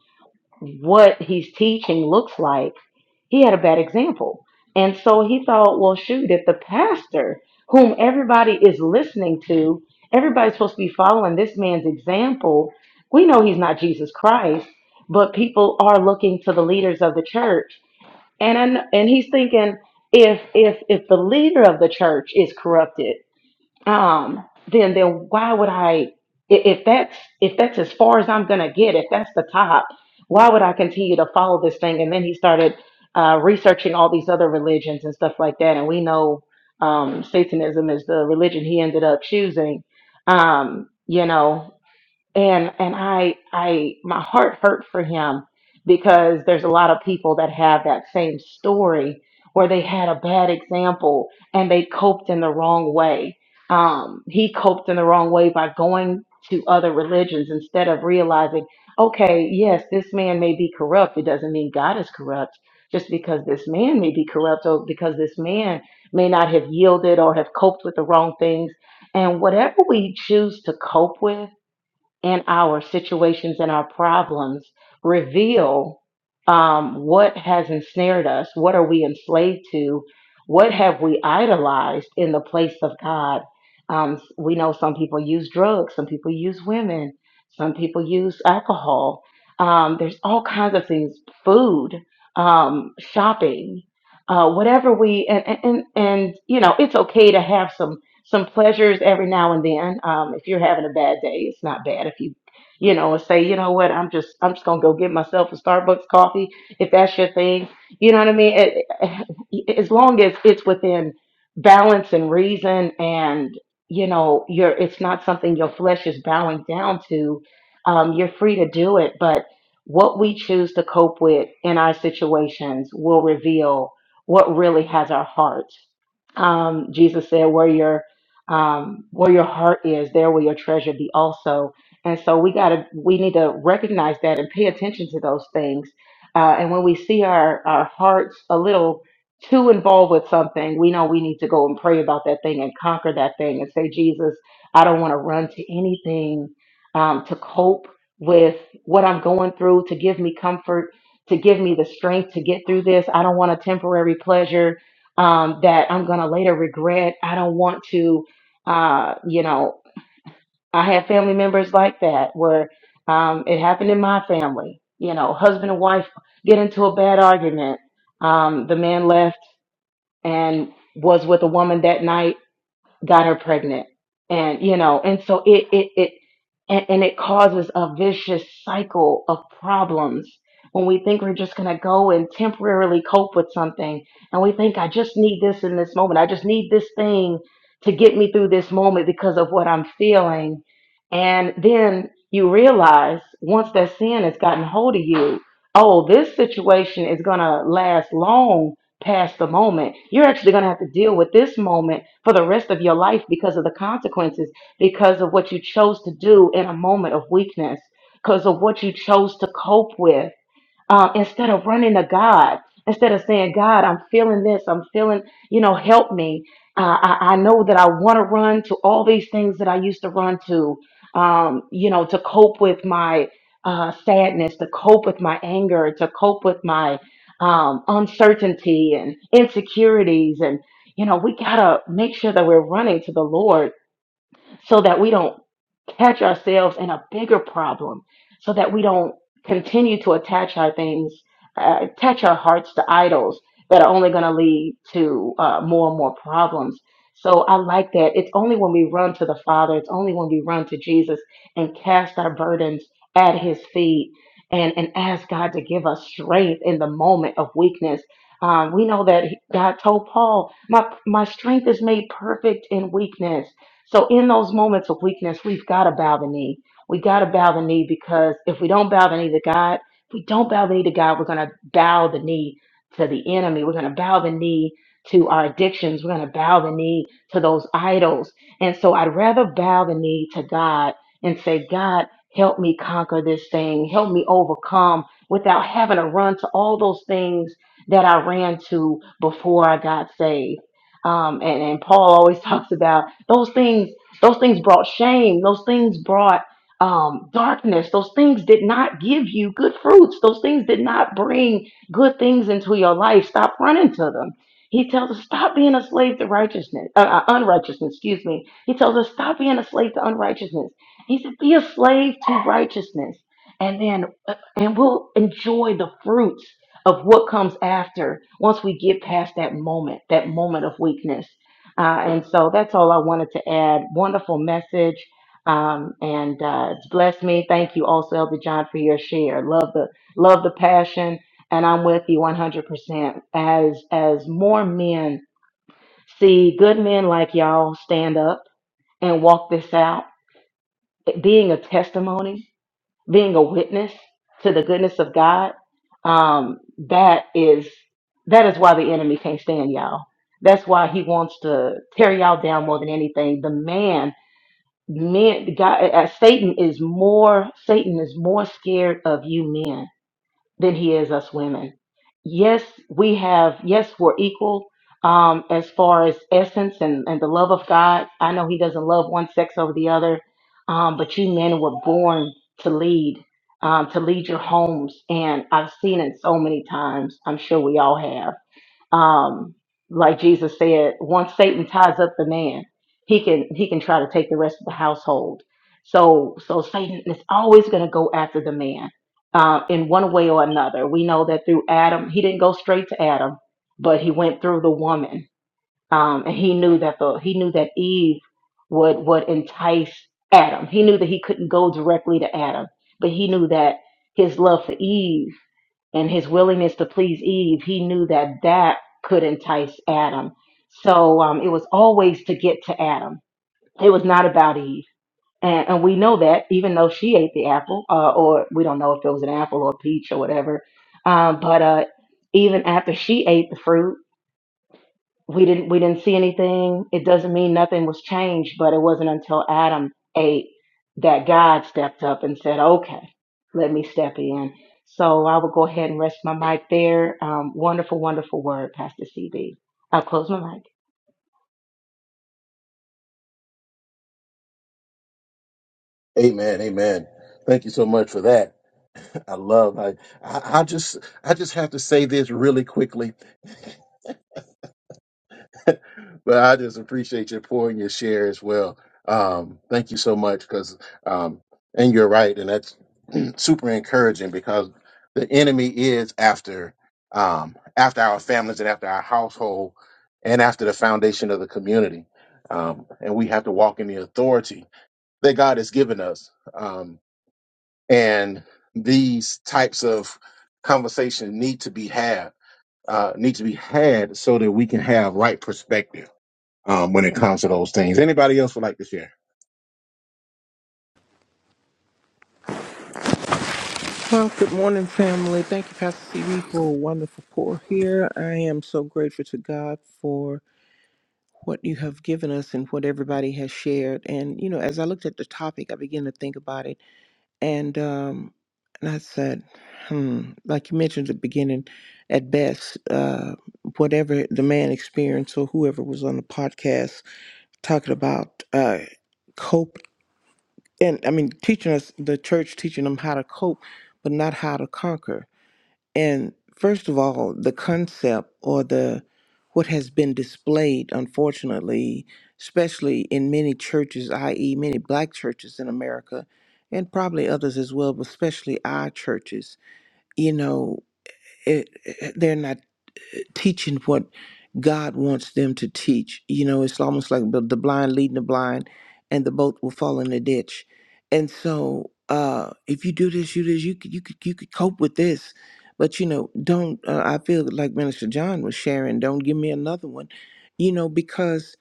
Speaker 4: what he's teaching looks like. He had a bad example. And so he thought, well, shoot, if the pastor, whom everybody is listening to, everybody's supposed to be following this man's example, we know he's not Jesus Christ, but people are looking to the leaders of the church and I, kn- and he's thinking if if if the leader of the church is corrupted, um, then then why would I i- if that's if that's as far as I'm gonna get, if that's the top, why would I continue to follow this thing? And then he started uh, researching all these other religions and stuff like that. And we know um, Satanism is the religion he ended up choosing. Um, you know, and and I I my heart hurt for him because there's a lot of people that have that same story where they had a bad example and they coped in the wrong way. Um, he coped in the wrong way by going to other religions instead of realizing, okay, yes, this man may be corrupt. It doesn't mean God is corrupt. Just because this man may be corrupt or because this man may not have yielded or have coped with the wrong things. And whatever we choose to cope with, and our situations and our problems reveal um, what has ensnared us, what are we enslaved to, what have we idolized in the place of God. Um, we know some people use drugs, some people use women, some people use alcohol. Um, there's all kinds of things, food, um, shopping. Uh, whatever we and, and and and, you know it's okay to have some some pleasures every now and then. Um, if you're having a bad day, it's not bad if you, you know, say, you know what, I'm just, I'm just gonna go get myself a Starbucks coffee if that's your thing. You know what I mean? It- it- as long as it's within balance and reason, and you know, you're, it's not something your flesh is bowing down to. Um, you're free to do it, but what we choose to cope with in our situations will reveal what really has our heart um, Jesus said, "Where your um, where your heart is, there will your treasure be also. And so we gotta, we need to recognize that and pay attention to those things. Uh, and when we see our our hearts a little too involved with something, we know we need to go and pray about that thing and conquer that thing and say, Jesus, I don't want to run to anything um, to cope with what I'm going through, to give me comfort, to give me the strength to get through this. I don't want a temporary pleasure um, that I'm going to later regret. I don't want to uh, you know, I have family members like that where um, it happened in my family. You know, husband and wife get into a bad argument. Um, the man left and was with a woman that night got her pregnant and you know and so it it it and, and it causes a vicious cycle of problems when we think we're just going to go and temporarily cope with something and we think i just need this in this moment i just need this thing to get me through this moment because of what i'm feeling and then you realize once that sin has gotten hold of you oh this situation is going to last long past the moment. You're actually going to have to deal with this moment for the rest of your life because of the consequences, because of what you chose to do in a moment of weakness, because of what you chose to cope with um, instead of running to God, instead of saying, God, I'm feeling this, I'm feeling, you know, help me. Uh, I, I know that I want to run to all these things that I used to run to, um, you know, to cope with my uh, sadness, to cope with my anger, to cope with my um, uncertainty and insecurities. And, you know, we got to make sure that we're running to the Lord so that we don't catch ourselves in a bigger problem, so that we don't continue to attach our things, uh, attach our hearts to idols that are only going to lead to uh, more and more problems. So I like that. It's only when we run to the Father, it's only when we run to Jesus and cast our burdens at His feet and, and ask God to give us strength in the moment of weakness. Um, we know that he- God told Paul, my, my strength is made perfect in weakness. So in those moments of weakness, we've got to bow the knee. We got to bow the knee because if we don't bow the knee to God, if we don't bow the knee to God, we're going to bow the knee to the enemy. We're going to bow the knee to our addictions. We're going to bow the knee to those idols. And so I'd rather bow the knee to God and say, God, help me conquer this thing. Help me overcome without having to run to all those things that I ran to before I got saved. Um, and, and Paul always talks about those things, those things brought shame. Those things brought um, darkness. Those things did not give you good fruits. Those things did not bring good things into your life. Stop running to them. He tells us stop being a slave to righteousness, uh, uh, unrighteousness. Excuse me. He tells us stop being a slave to unrighteousness. He said be a slave to righteousness, and then uh, and we'll enjoy the fruits of what comes after once we get past that moment, that moment of weakness. Uh, and so that's all I wanted to add. Wonderful message. Um, and uh, it's blessed me. Thank you also, Elder John, for your share. Love the love the passion, and I'm with you 100%. As as more men see good men like y'all stand up and walk this out, it being a testimony being a witness to the goodness of God, um, that is that is why the enemy can't stand y'all. That's why he wants to tear y'all down more than anything. The man, men, God, uh, Satan is more. Satan is more scared of you men than he is us women. Yes, we have, yes, we're equal um, as far as essence and, and the love of God. I know he doesn't love one sex over the other, um, but you men were born to lead, um, to lead your homes. And I've seen it so many times. I'm sure we all have. Um, like Jesus said, once Satan ties up the man, he can he can try to take the rest of the household. So so Satan is always going to go after the man uh, in one way or another. We know that through Adam, he didn't go straight to Adam, but he went through the woman, um, and he knew that the he knew that Eve would would entice Adam. He knew that he couldn't go directly to Adam, but he knew that his love for Eve and his willingness to please Eve, he knew that that could entice Adam. So um, it was always to get to Adam. It was not about Eve. And, and we know that, even though she ate the apple, uh, or we don't know if it was an apple or a peach or whatever. Um, but uh, even after she ate the fruit, we didn't we didn't see anything. It doesn't mean nothing was changed, but it wasn't until Adam ate that God stepped up and said, "Okay, let me step in." So I will go ahead and rest my mic there. Um, wonderful, wonderful word, Pastor CB. I'll close my mic.
Speaker 2: Amen. Amen. Thank you so much for that. I love. I, I I just I just have to say this really quickly, but I just appreciate your pouring your share as well. Um, thank you so much because um, and you're right, and that's super encouraging because the enemy is after um, after our families and after our household and after the foundation of the community, um, and we have to walk in the authority that God has given us. Um, and these types of conversations need to be had uh, need to be had so that we can have right perspective um, when it comes to those things anybody else would like to share
Speaker 5: Well, good morning, family. Thank you, Pastor CB, for a wonderful pour here. I am so grateful to God for what you have given us and what everybody has shared. And you know, as I looked at the topic, I began to think about it, and um, and I said, hmm, like you mentioned at the beginning, at best, uh, whatever the man experienced or whoever was on the podcast talking about uh, cope, and I mean, teaching us the church teaching them how to cope, but not how to conquer and first of all, the concept or the what has been displayed, unfortunately, especially in many churches, i.e., many black churches in America, and probably others as well, but especially our churches, you know, it, it- they're not teaching what God wants them to teach. You know, it's almost like the, the blind leading the blind, and the boat will fall in the ditch. And so, uh, if you do this, you do this, you could, you could, you could cope with this. But you know, don't. Uh, I feel like Minister John was sharing. Don't give me another one. You know, because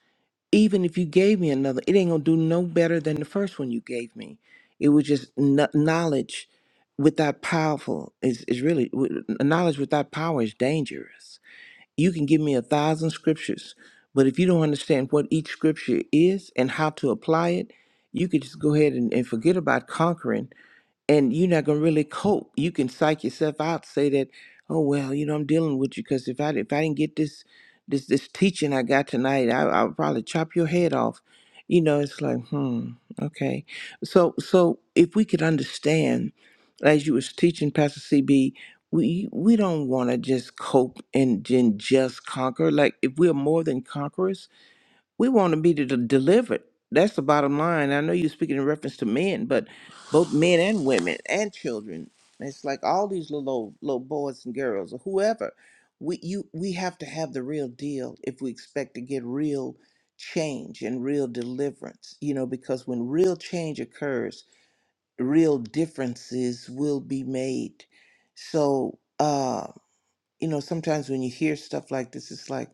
Speaker 5: even if you gave me another, it ain't gonna do no better than the first one you gave me. It was just kn- knowledge without powerful is is really w- knowledge without power is dangerous you can give me a thousand scriptures, but if you don't understand what each scripture is and how to apply it, you could just go ahead and, and forget about conquering and you're not gonna really cope. You can psych yourself out, say that, oh well, you know, I'm dealing with you because if I if I didn't get this this this teaching I got tonight, I I'll probably chop your head off. You know, it's like, hmm, okay. So so if we could understand, as you was teaching Pastor CB, we we don't want to just cope and, and just conquer. Like if we're more than conquerors we want to be de- delivered. That's the bottom line. I know you're speaking in reference to men, but both men and women and children. It's like all these little old, little boys and girls or whoever. We you we have to have the real deal if we expect to get real change and real deliverance. You know, because when real change occurs, real differences will be made. So uh, you know, sometimes when you hear stuff like this, it's like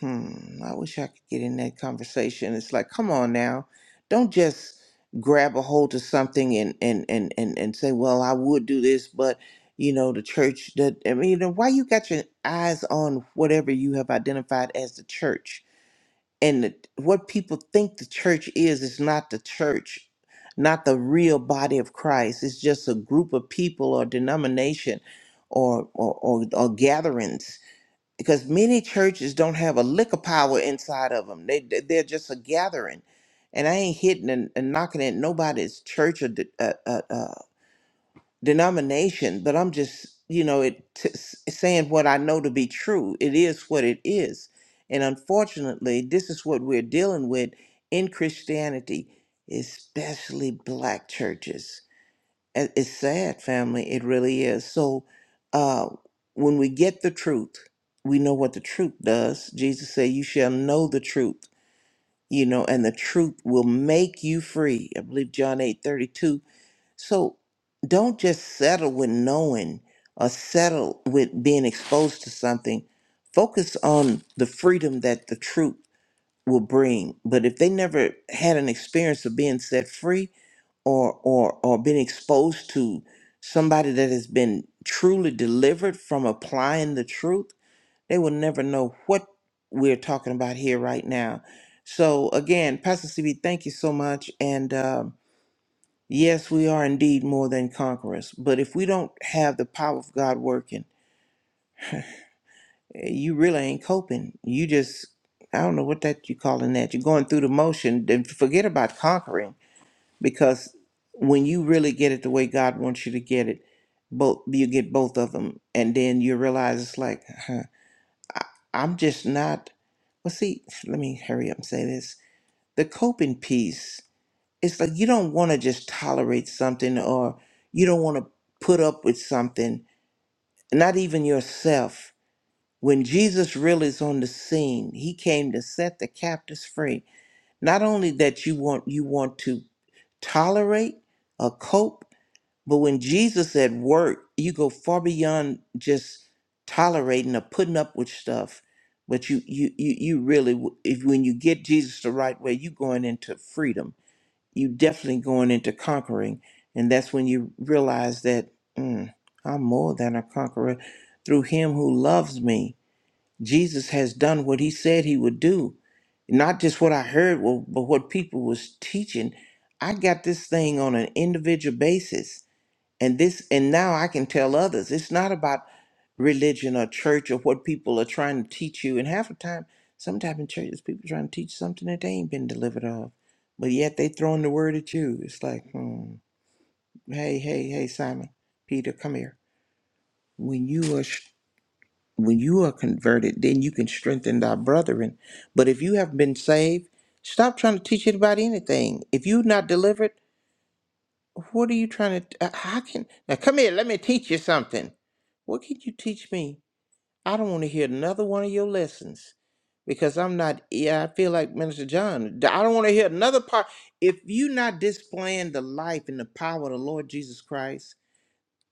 Speaker 5: Hmm, I wish I could get in that conversation. It's like, come on now. Don't just grab a hold of something and and and and, and say, well, I would do this, but you know, the church that I mean, you know, why you got your eyes on whatever you have identified as the church. And the, what people think the church is is not the church, not the real body of Christ. It's just a group of people or denomination or or, or, or gatherings because many churches don't have a lick of power inside of them. They they- they're just a gathering, and I ain't hitting and, and knocking at nobody's church or de- uh, uh, uh, denomination, but I'm just you know it t- s- saying what I know to be true. It is what it is, and unfortunately, this is what we're dealing with in Christianity, especially black churches. It- It's sad, family. It really is. So uh, when we get the truth, we know what the truth does. Jesus said, You shall know the truth, you know, and the truth will make you free. I believe John eight thirty two. So don't just settle with knowing or settle with being exposed to something. Focus on the freedom that the truth will bring. But if they never had an experience of being set free, or or or been exposed to somebody that has been truly delivered from applying the truth they will never know what we're talking about here right now so again pastor cb thank you so much and um, yes we are indeed more than conquerors but if we don't have the power of god working eh, you really ain't coping you just i don't know what that you calling that you're going through the motion then forget about conquering because when you really get it the way God wants you to get it, both you get both of them, and then you realize it's like huh, I'm just not. Well, see, let me hurry up and say this: the coping piece. It's like you don't want to just tolerate something, or you don't want to put up with something, not even yourself. When Jesus really is on the scene, he came to set the captives free. Not only that you want you want to tolerate or cope, But when Jesus said work, you go far beyond just tolerating or putting up with stuff. But you, you, you, you really, if when you get Jesus the right way, you going into freedom. You definitely going into conquering, and that's when you realize that mm, I'm more than a conqueror through Him who loves me. Jesus has done what He said He would do, not just what I heard, well, but what people was teaching. I got this thing on an individual basis and this and now i can tell others it's not about religion or church or what people are trying to teach you and half the time sometimes in churches people trying to teach something that they ain't been delivered of but yet they throwing the word at you it's like hmm, hey hey hey simon peter come here when you are sh- when you are converted then you can strengthen thy brethren but if you have been saved stop trying to teach it about anything if you're not delivered What are you trying to? uh, How can now? Come here. Let me teach you something. What can you teach me? I don't want to hear another one of your lessons because I'm not. Yeah, I feel like Minister John. D- I don't want to hear another part. If you're not displaying the life and the power of the Lord Jesus Christ,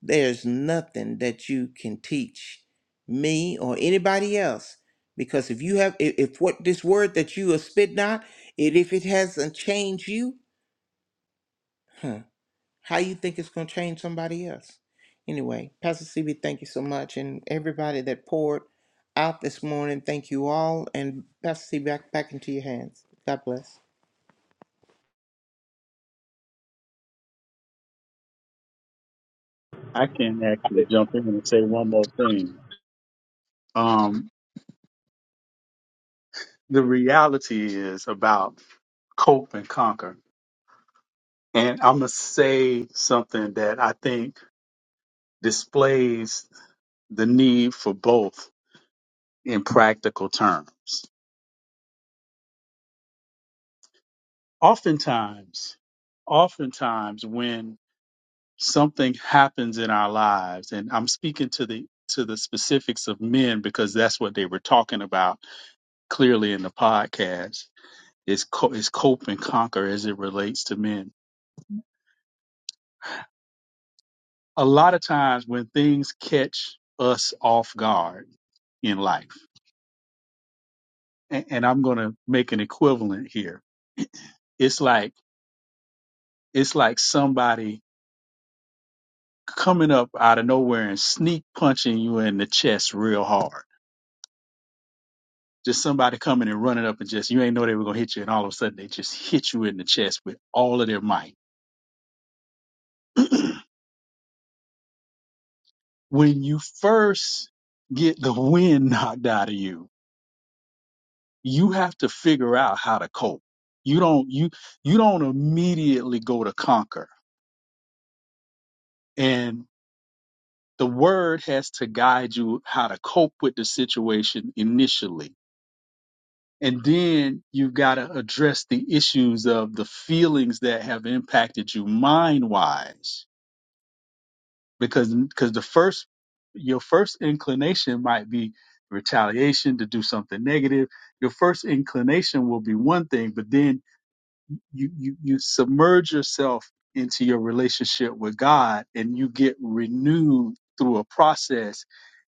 Speaker 5: there's nothing that you can teach me or anybody else. Because if you have, if, if what this word that you are spitting out, it if it hasn't changed you, How you think it's going to change somebody else? Anyway, Pastor CB, thank you so much. And everybody that poured out this morning, thank you all. And Pastor CB, back, back into your hands. God bless.
Speaker 3: I can actually jump in and say one more thing. Um, The reality is about cope and conquer. And I'm going to say something that I think displays the need for both in practical terms. Oftentimes, oftentimes, when something happens in our lives and i'm speaking to the to the specifics of men because that's what they were talking about clearly in the podcast is, co- is cope and conquer as it relates to men a lot of times when things catch us off guard in life and, and i'm going to make an equivalent here it's like it's like somebody coming up out of nowhere and sneak punching you in the chest real hard just somebody coming and running up and just you ain't know they were gonna hit you, and all of a sudden they just hit you in the chest with all of their might. when you first get the wind knocked out of you, you have to figure out how to cope. You don't you you don't immediately go to conquer. And the word has to guide you how to cope with the situation initially. And then you've got to address the issues of the feelings that have impacted you mind wise because because the first your first inclination might be retaliation to do something negative your first inclination will be one thing but then you you you submerge yourself into your relationship with God and you get renewed through a process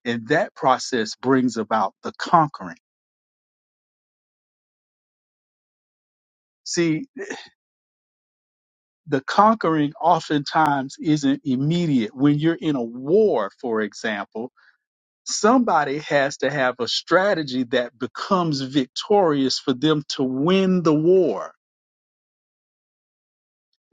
Speaker 3: and that process brings about the conquering see the conquering oftentimes isn't immediate when you're in a war for example somebody has to have a strategy that becomes victorious for them to win the war.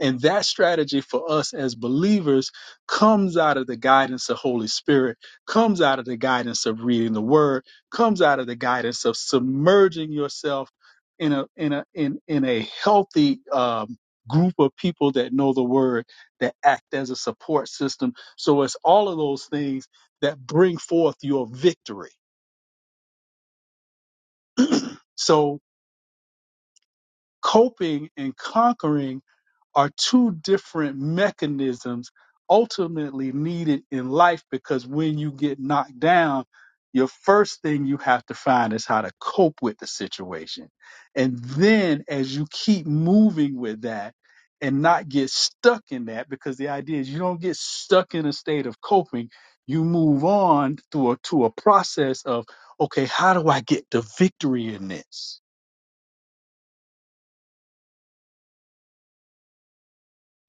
Speaker 3: And that strategy for us as believers comes out of the guidance of Holy Spirit, comes out of the guidance of reading the word, comes out of the guidance of submerging yourself in a in a in in a healthy um group of people that know the word that act as a support system. So it's all of those things that bring forth your victory. So coping and conquering are two different mechanisms ultimately needed in life because when you get knocked down, your first thing you have to find is how to cope with the situation. And then as you keep moving with that and not get stuck in that, because the idea is you don't get stuck in a state of coping, you move on through a, to a process of, okay, how do I get the victory in this?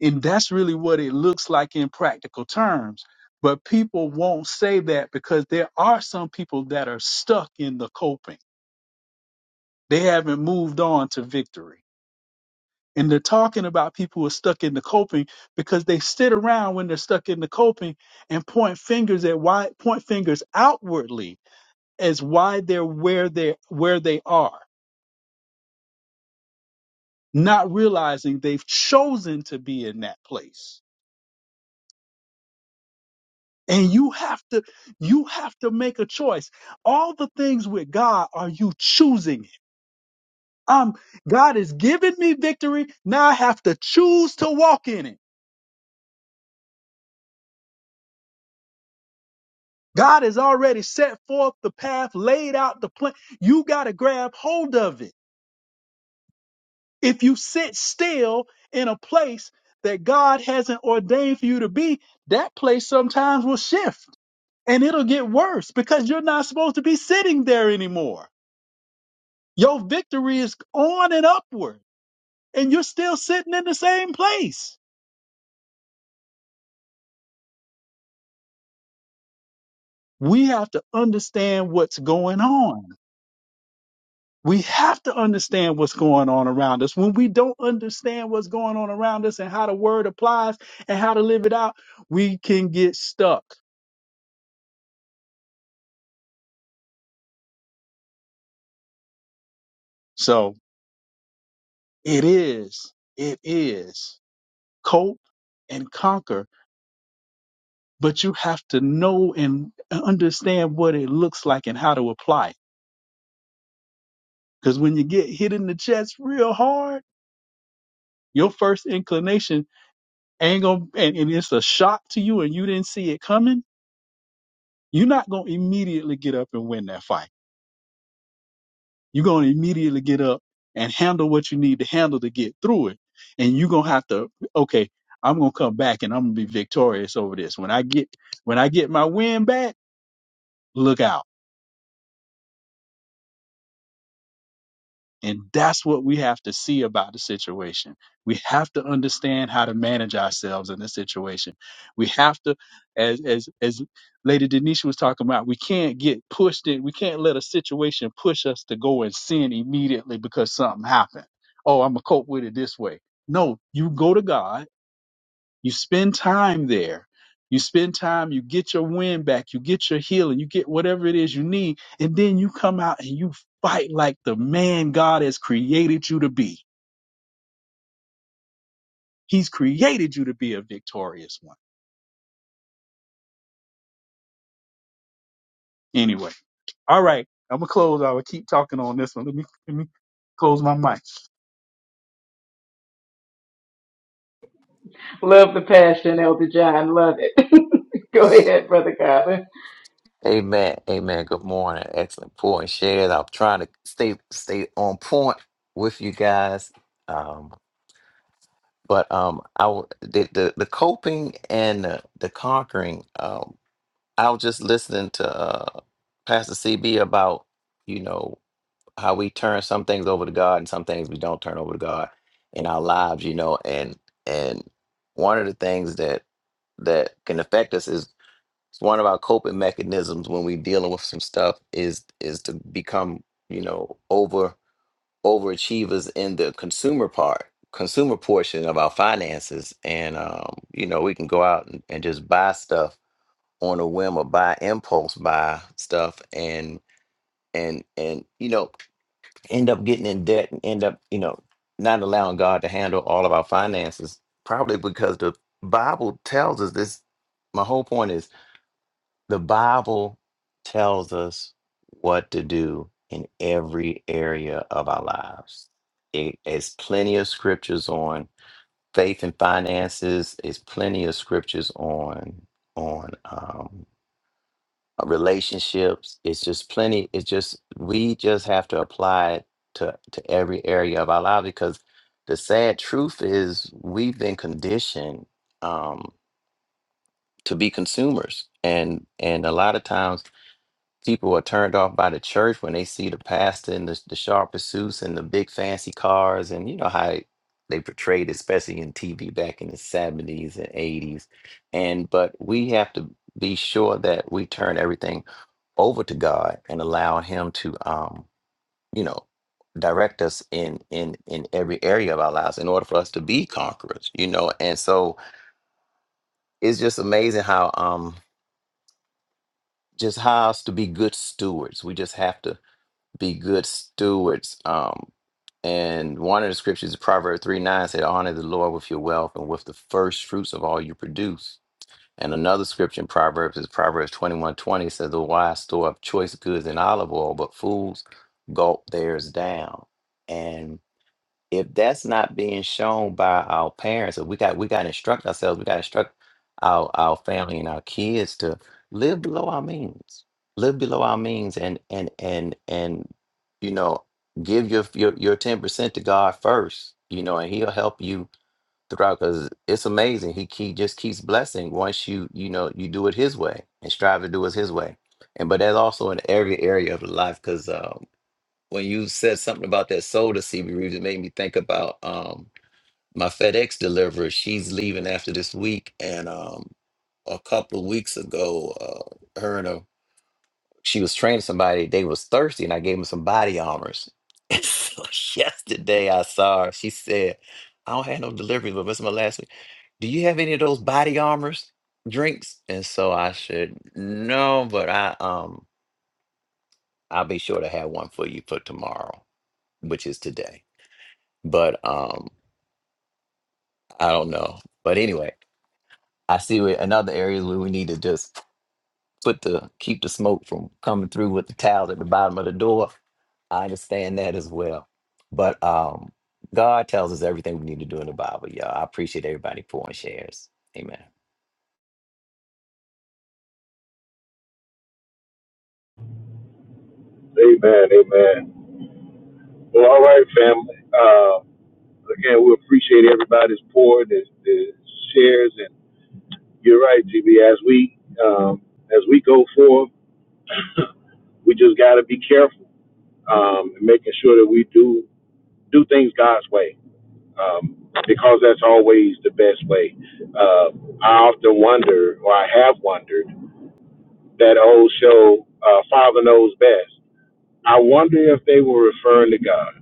Speaker 3: And that's really what it looks like in practical terms. But people won't say that because there are some people that are stuck in the coping. They haven't moved on to victory. And they're talking about people who are stuck in the coping because they sit around when they're stuck in the coping and point fingers at why point fingers outwardly as why they're where they are where they are, not realizing they've chosen to be in that place And you have to you have to make a choice. All the things with God are you choosing it. Um God has given me victory. Now I have to choose to walk in it. God has already set forth the path, laid out the plan. You got to grab hold of it. If you sit still in a place that God hasn't ordained for you to be, that place sometimes will shift and it'll get worse because you're not supposed to be sitting there anymore. Your victory is on and upward. and you're still sitting in the same place. We have to understand what's going on. We have to understand what's going on around us. When we don't understand what's going on around us and how the word applies and how to live it out, we can get stuck. So it is, it is cope and conquer, but you have to know and understand what it looks like and how to apply it. Because when you get hit in the chest real hard, your first inclination ain't gonna and, and it's a shock to you and you didn't see it coming, you're not gonna immediately get up and win that fight. You're gonna immediately get up and handle what you need to handle to get through it. And you're gonna have to, okay, I'm gonna come back and I'm gonna be victorious over this. When I get when I get my win back, look out And that's what we have to see about the situation. We have to understand how to manage ourselves in this situation. We have to, as as as Lady Denisha was talking about, we can't get pushed in. We can't let a situation push us to go and sin immediately because something happened. Oh, I'm gonna cope with it this way. No, you go to God you spend time there. You spend time, you get your wind back, you get your healing, you get whatever it is you need, and then you come out and you fight like the man God has created you to be. He's created you to be a victorious one. Anyway, all right, I'm gonna close. I will keep talking on this one. Let me let me close my mic.
Speaker 4: Love the passion, Elder John. Love it. Go ahead, Brother Colin.
Speaker 6: Amen. Amen. Good morning. Excellent point shared. I'm trying to stay stay on point with you guys. Um, but um, I w- the the, the coping and the, the conquering. Um, I was just listening to uh, Pastor CB about you know how we turn some things over to God and some things we don't turn over to God in our lives. You know, and and one of the things that that can affect us it's one of our coping mechanisms when we're dealing with some stuff is is to become, you know, over overachievers in the consumer part, consumer portion of our finances. And um, you know, we can go out and, and just buy stuff on a whim or buy impulse buy stuff and and and you know, end up getting in debt and end up, you know, not allowing God to handle all of our finances, probably because the Bible tells us this. My whole point is the Bible tells us what to do in every area of our lives. It is plenty of scriptures on faith and finances. It's plenty of scriptures on on um, relationships. It's just plenty. It's just we just have to apply it to to every area of our lives because the sad truth is we've been conditioned um, to be consumers, and and a lot of times people are turned off by the church when they see the pastor in the, the sharp pursuits and the big fancy cars and you know how it- they portrayed especially in tv back in the 70s and 80s and but we have to be sure that we turn everything over to god and allow him to um you know direct us in in in every area of our lives in order for us to be conquerors you know and so it's just amazing how um just how us to be good stewards we just have to be good stewards. Um, and one of the scriptures, Proverbs 3 9, said, Honor the Lord with your wealth and with the first fruits of all you produce. And another scripture in Proverbs is Proverbs twenty one twenty says, The wise store up choice goods and olive oil, but fools gulp theirs down if that's not being shown by our parents, or we got we got to instruct ourselves, we got to instruct our our family and our kids to live below our means, live below our means, and and and and you know, give your your your ten percent to God first, you know, and He'll help you throughout. Because it's amazing, He he just keeps blessing once you you know you do it His way and strive to do it His way, and but that's also in every area of life because when you said something about that soda CB Reeves, it made me think about um my FedEx deliverer. She's leaving after this week, and um a couple of weeks ago, uh, her and her she was training somebody. They was thirsty, and I gave them some body armors. And so yesterday, I saw her. She said, "I don't have no deliveries, but this is my last week. Do you have any of those body armors drinks?" And so I said, "No, but I um I'll be sure to have one for you for tomorrow, which is today." but um i don't know but anyway i see where another area where we need to just put the keep the smoke from coming through with the towels at the bottom of the door i understand that as well but um god tells us everything we need to do in the bible y'all i appreciate everybody pouring shares amen
Speaker 2: Amen, amen. Well, all right, family. Uh, again, we appreciate everybody's support, the, the shares, and you're right, GB. As we um, as we go forward, we just got to be careful um, in making sure that we do do things God's way. um, because that's always the best way. Uh, I often wonder, or I have wondered, that old show, uh, Father Knows Best. I wonder if they were referring to God,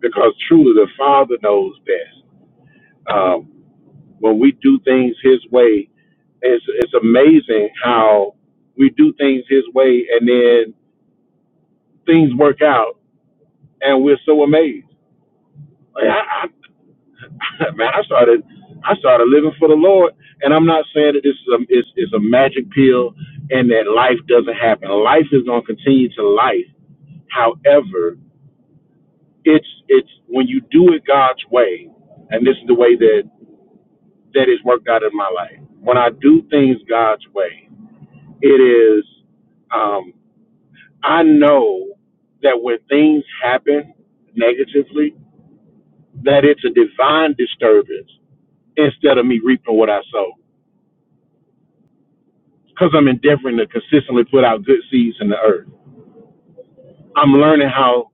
Speaker 2: because truly the Father knows best. Um, when we do things His way, it's it's amazing how we do things His way, and then things work out, and we're so amazed. Like, how, man, I started I started living for the Lord, and I'm not saying that this is a is, is a magic pill and that life doesn't happen. Life is going to continue to life. However, it's it's when you do it God's way, and this is the way that that is worked out in my life. When I do things God's way, it is um, I know that when things happen negatively, that it's a divine disturbance instead of me reaping what I sow because I'm endeavoring to consistently put out good seeds in the earth. I'm learning how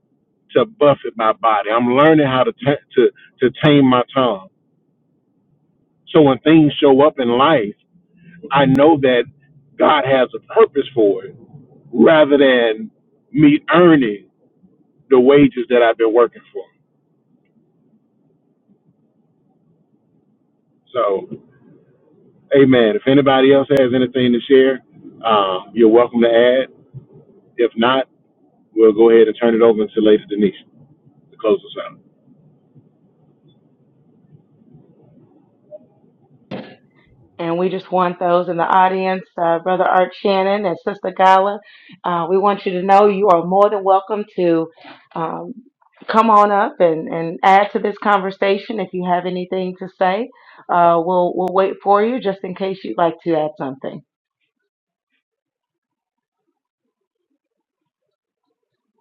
Speaker 2: to buffet my body. I'm learning how to ta- to to tame my tongue. So when things show up in life, I know that God has a purpose for it, rather than me earning the wages that I've been working for. So, Amen. If anybody else has anything to share, um, you're welcome to add. If not, we'll go ahead and turn it over to Lady Denise to close us out.
Speaker 4: And we just want those in the audience, uh, Brother Art Shannon and Sister Gala, uh, we want you to know you are more than welcome to um, come on up and, and add to this conversation if you have anything to say. Uh, we'll, we'll wait for you just in case you'd like to add something.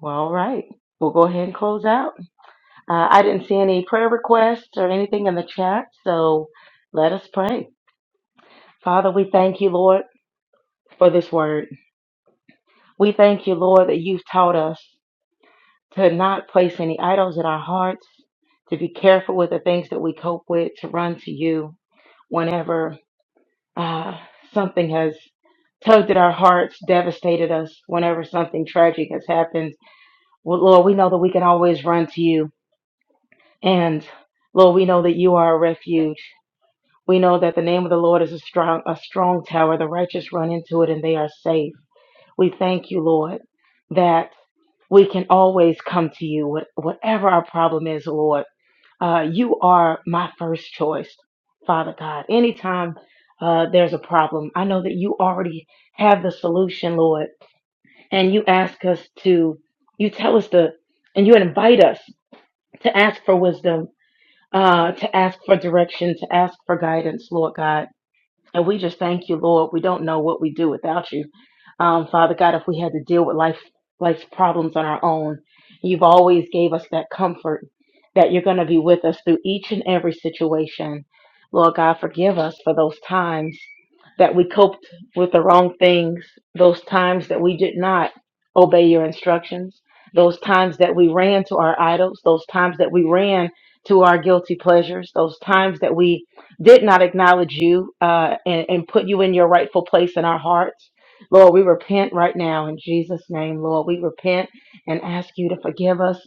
Speaker 4: Well, all right. We'll go ahead and close out. Uh, I didn't see any prayer requests or anything in the chat, so let us pray. Father, we thank you, Lord, for this word. We thank you, Lord, that you've taught us to not place any idols in our hearts, to be careful with the things that we cope with, to run to you whenever uh, something has tugged at our hearts, devastated us, whenever something tragic has happened. Well, Lord, we know that we can always run to you. And Lord, we know that you are a refuge. We know that the name of the Lord is a strong, a strong tower. The righteous run into it and they are safe. We thank you, Lord, that we can always come to you, what- whatever our problem is, Lord. Uh, you are my first choice, Father God. Anytime uh, there's a problem, I know that you already have the solution, Lord. And you ask us to, you tell us to, and you invite us to ask for wisdom, uh, to ask for direction, to ask for guidance, Lord God. And we just thank you, Lord. We don't know what we do without you. Um, Father God, if we had to deal with life life's problems on our own, you've always gave us that comfort that you're going to be with us through each and every situation. Lord God, forgive us for those times that we coped with the wrong things, those times that we did not obey your instructions, those times that we ran to our idols, those times that we ran to our guilty pleasures, those times that we did not acknowledge you uh, and, and put you in your rightful place in our hearts. Lord, we repent right now in Jesus' name. Lord, we repent and ask you to forgive us.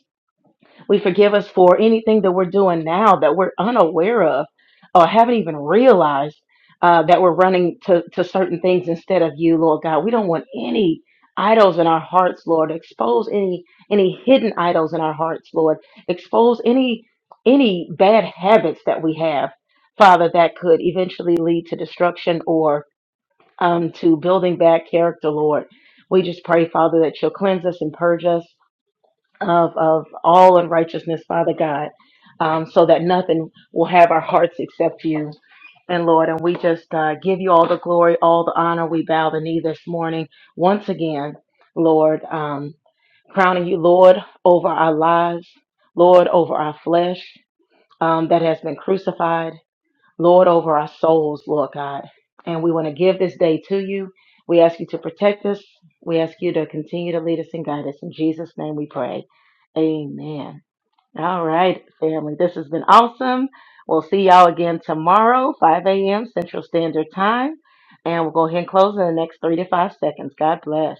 Speaker 4: We forgive us for anything that we're doing now that we're unaware of or haven't even realized uh, that we're running to, to certain things instead of you, Lord God. We don't want any idols in our hearts, Lord. Expose any any hidden idols in our hearts, Lord. Expose any any bad habits that we have, Father, that could eventually lead to destruction or um, to building bad character, Lord. We just pray, Father, that you'll cleanse us and purge us of, of all unrighteousness, Father God, um, so that nothing will have our hearts except you. And Lord, and we just uh, give you all the glory, all the honor. We bow the knee this morning once again, Lord, um, crowning you, Lord, over our lives, Lord, over our flesh um, that has been crucified. Lord, over our souls, Lord God. And we want to give this day to you. We ask you to protect us. We ask you to continue to lead us and guide us. In Jesus' name we pray. Amen. All right, family. This has been awesome. We'll see y'all again tomorrow, 5 a.m. Central Standard Time. And we'll go ahead and close in the next three to five seconds. God bless.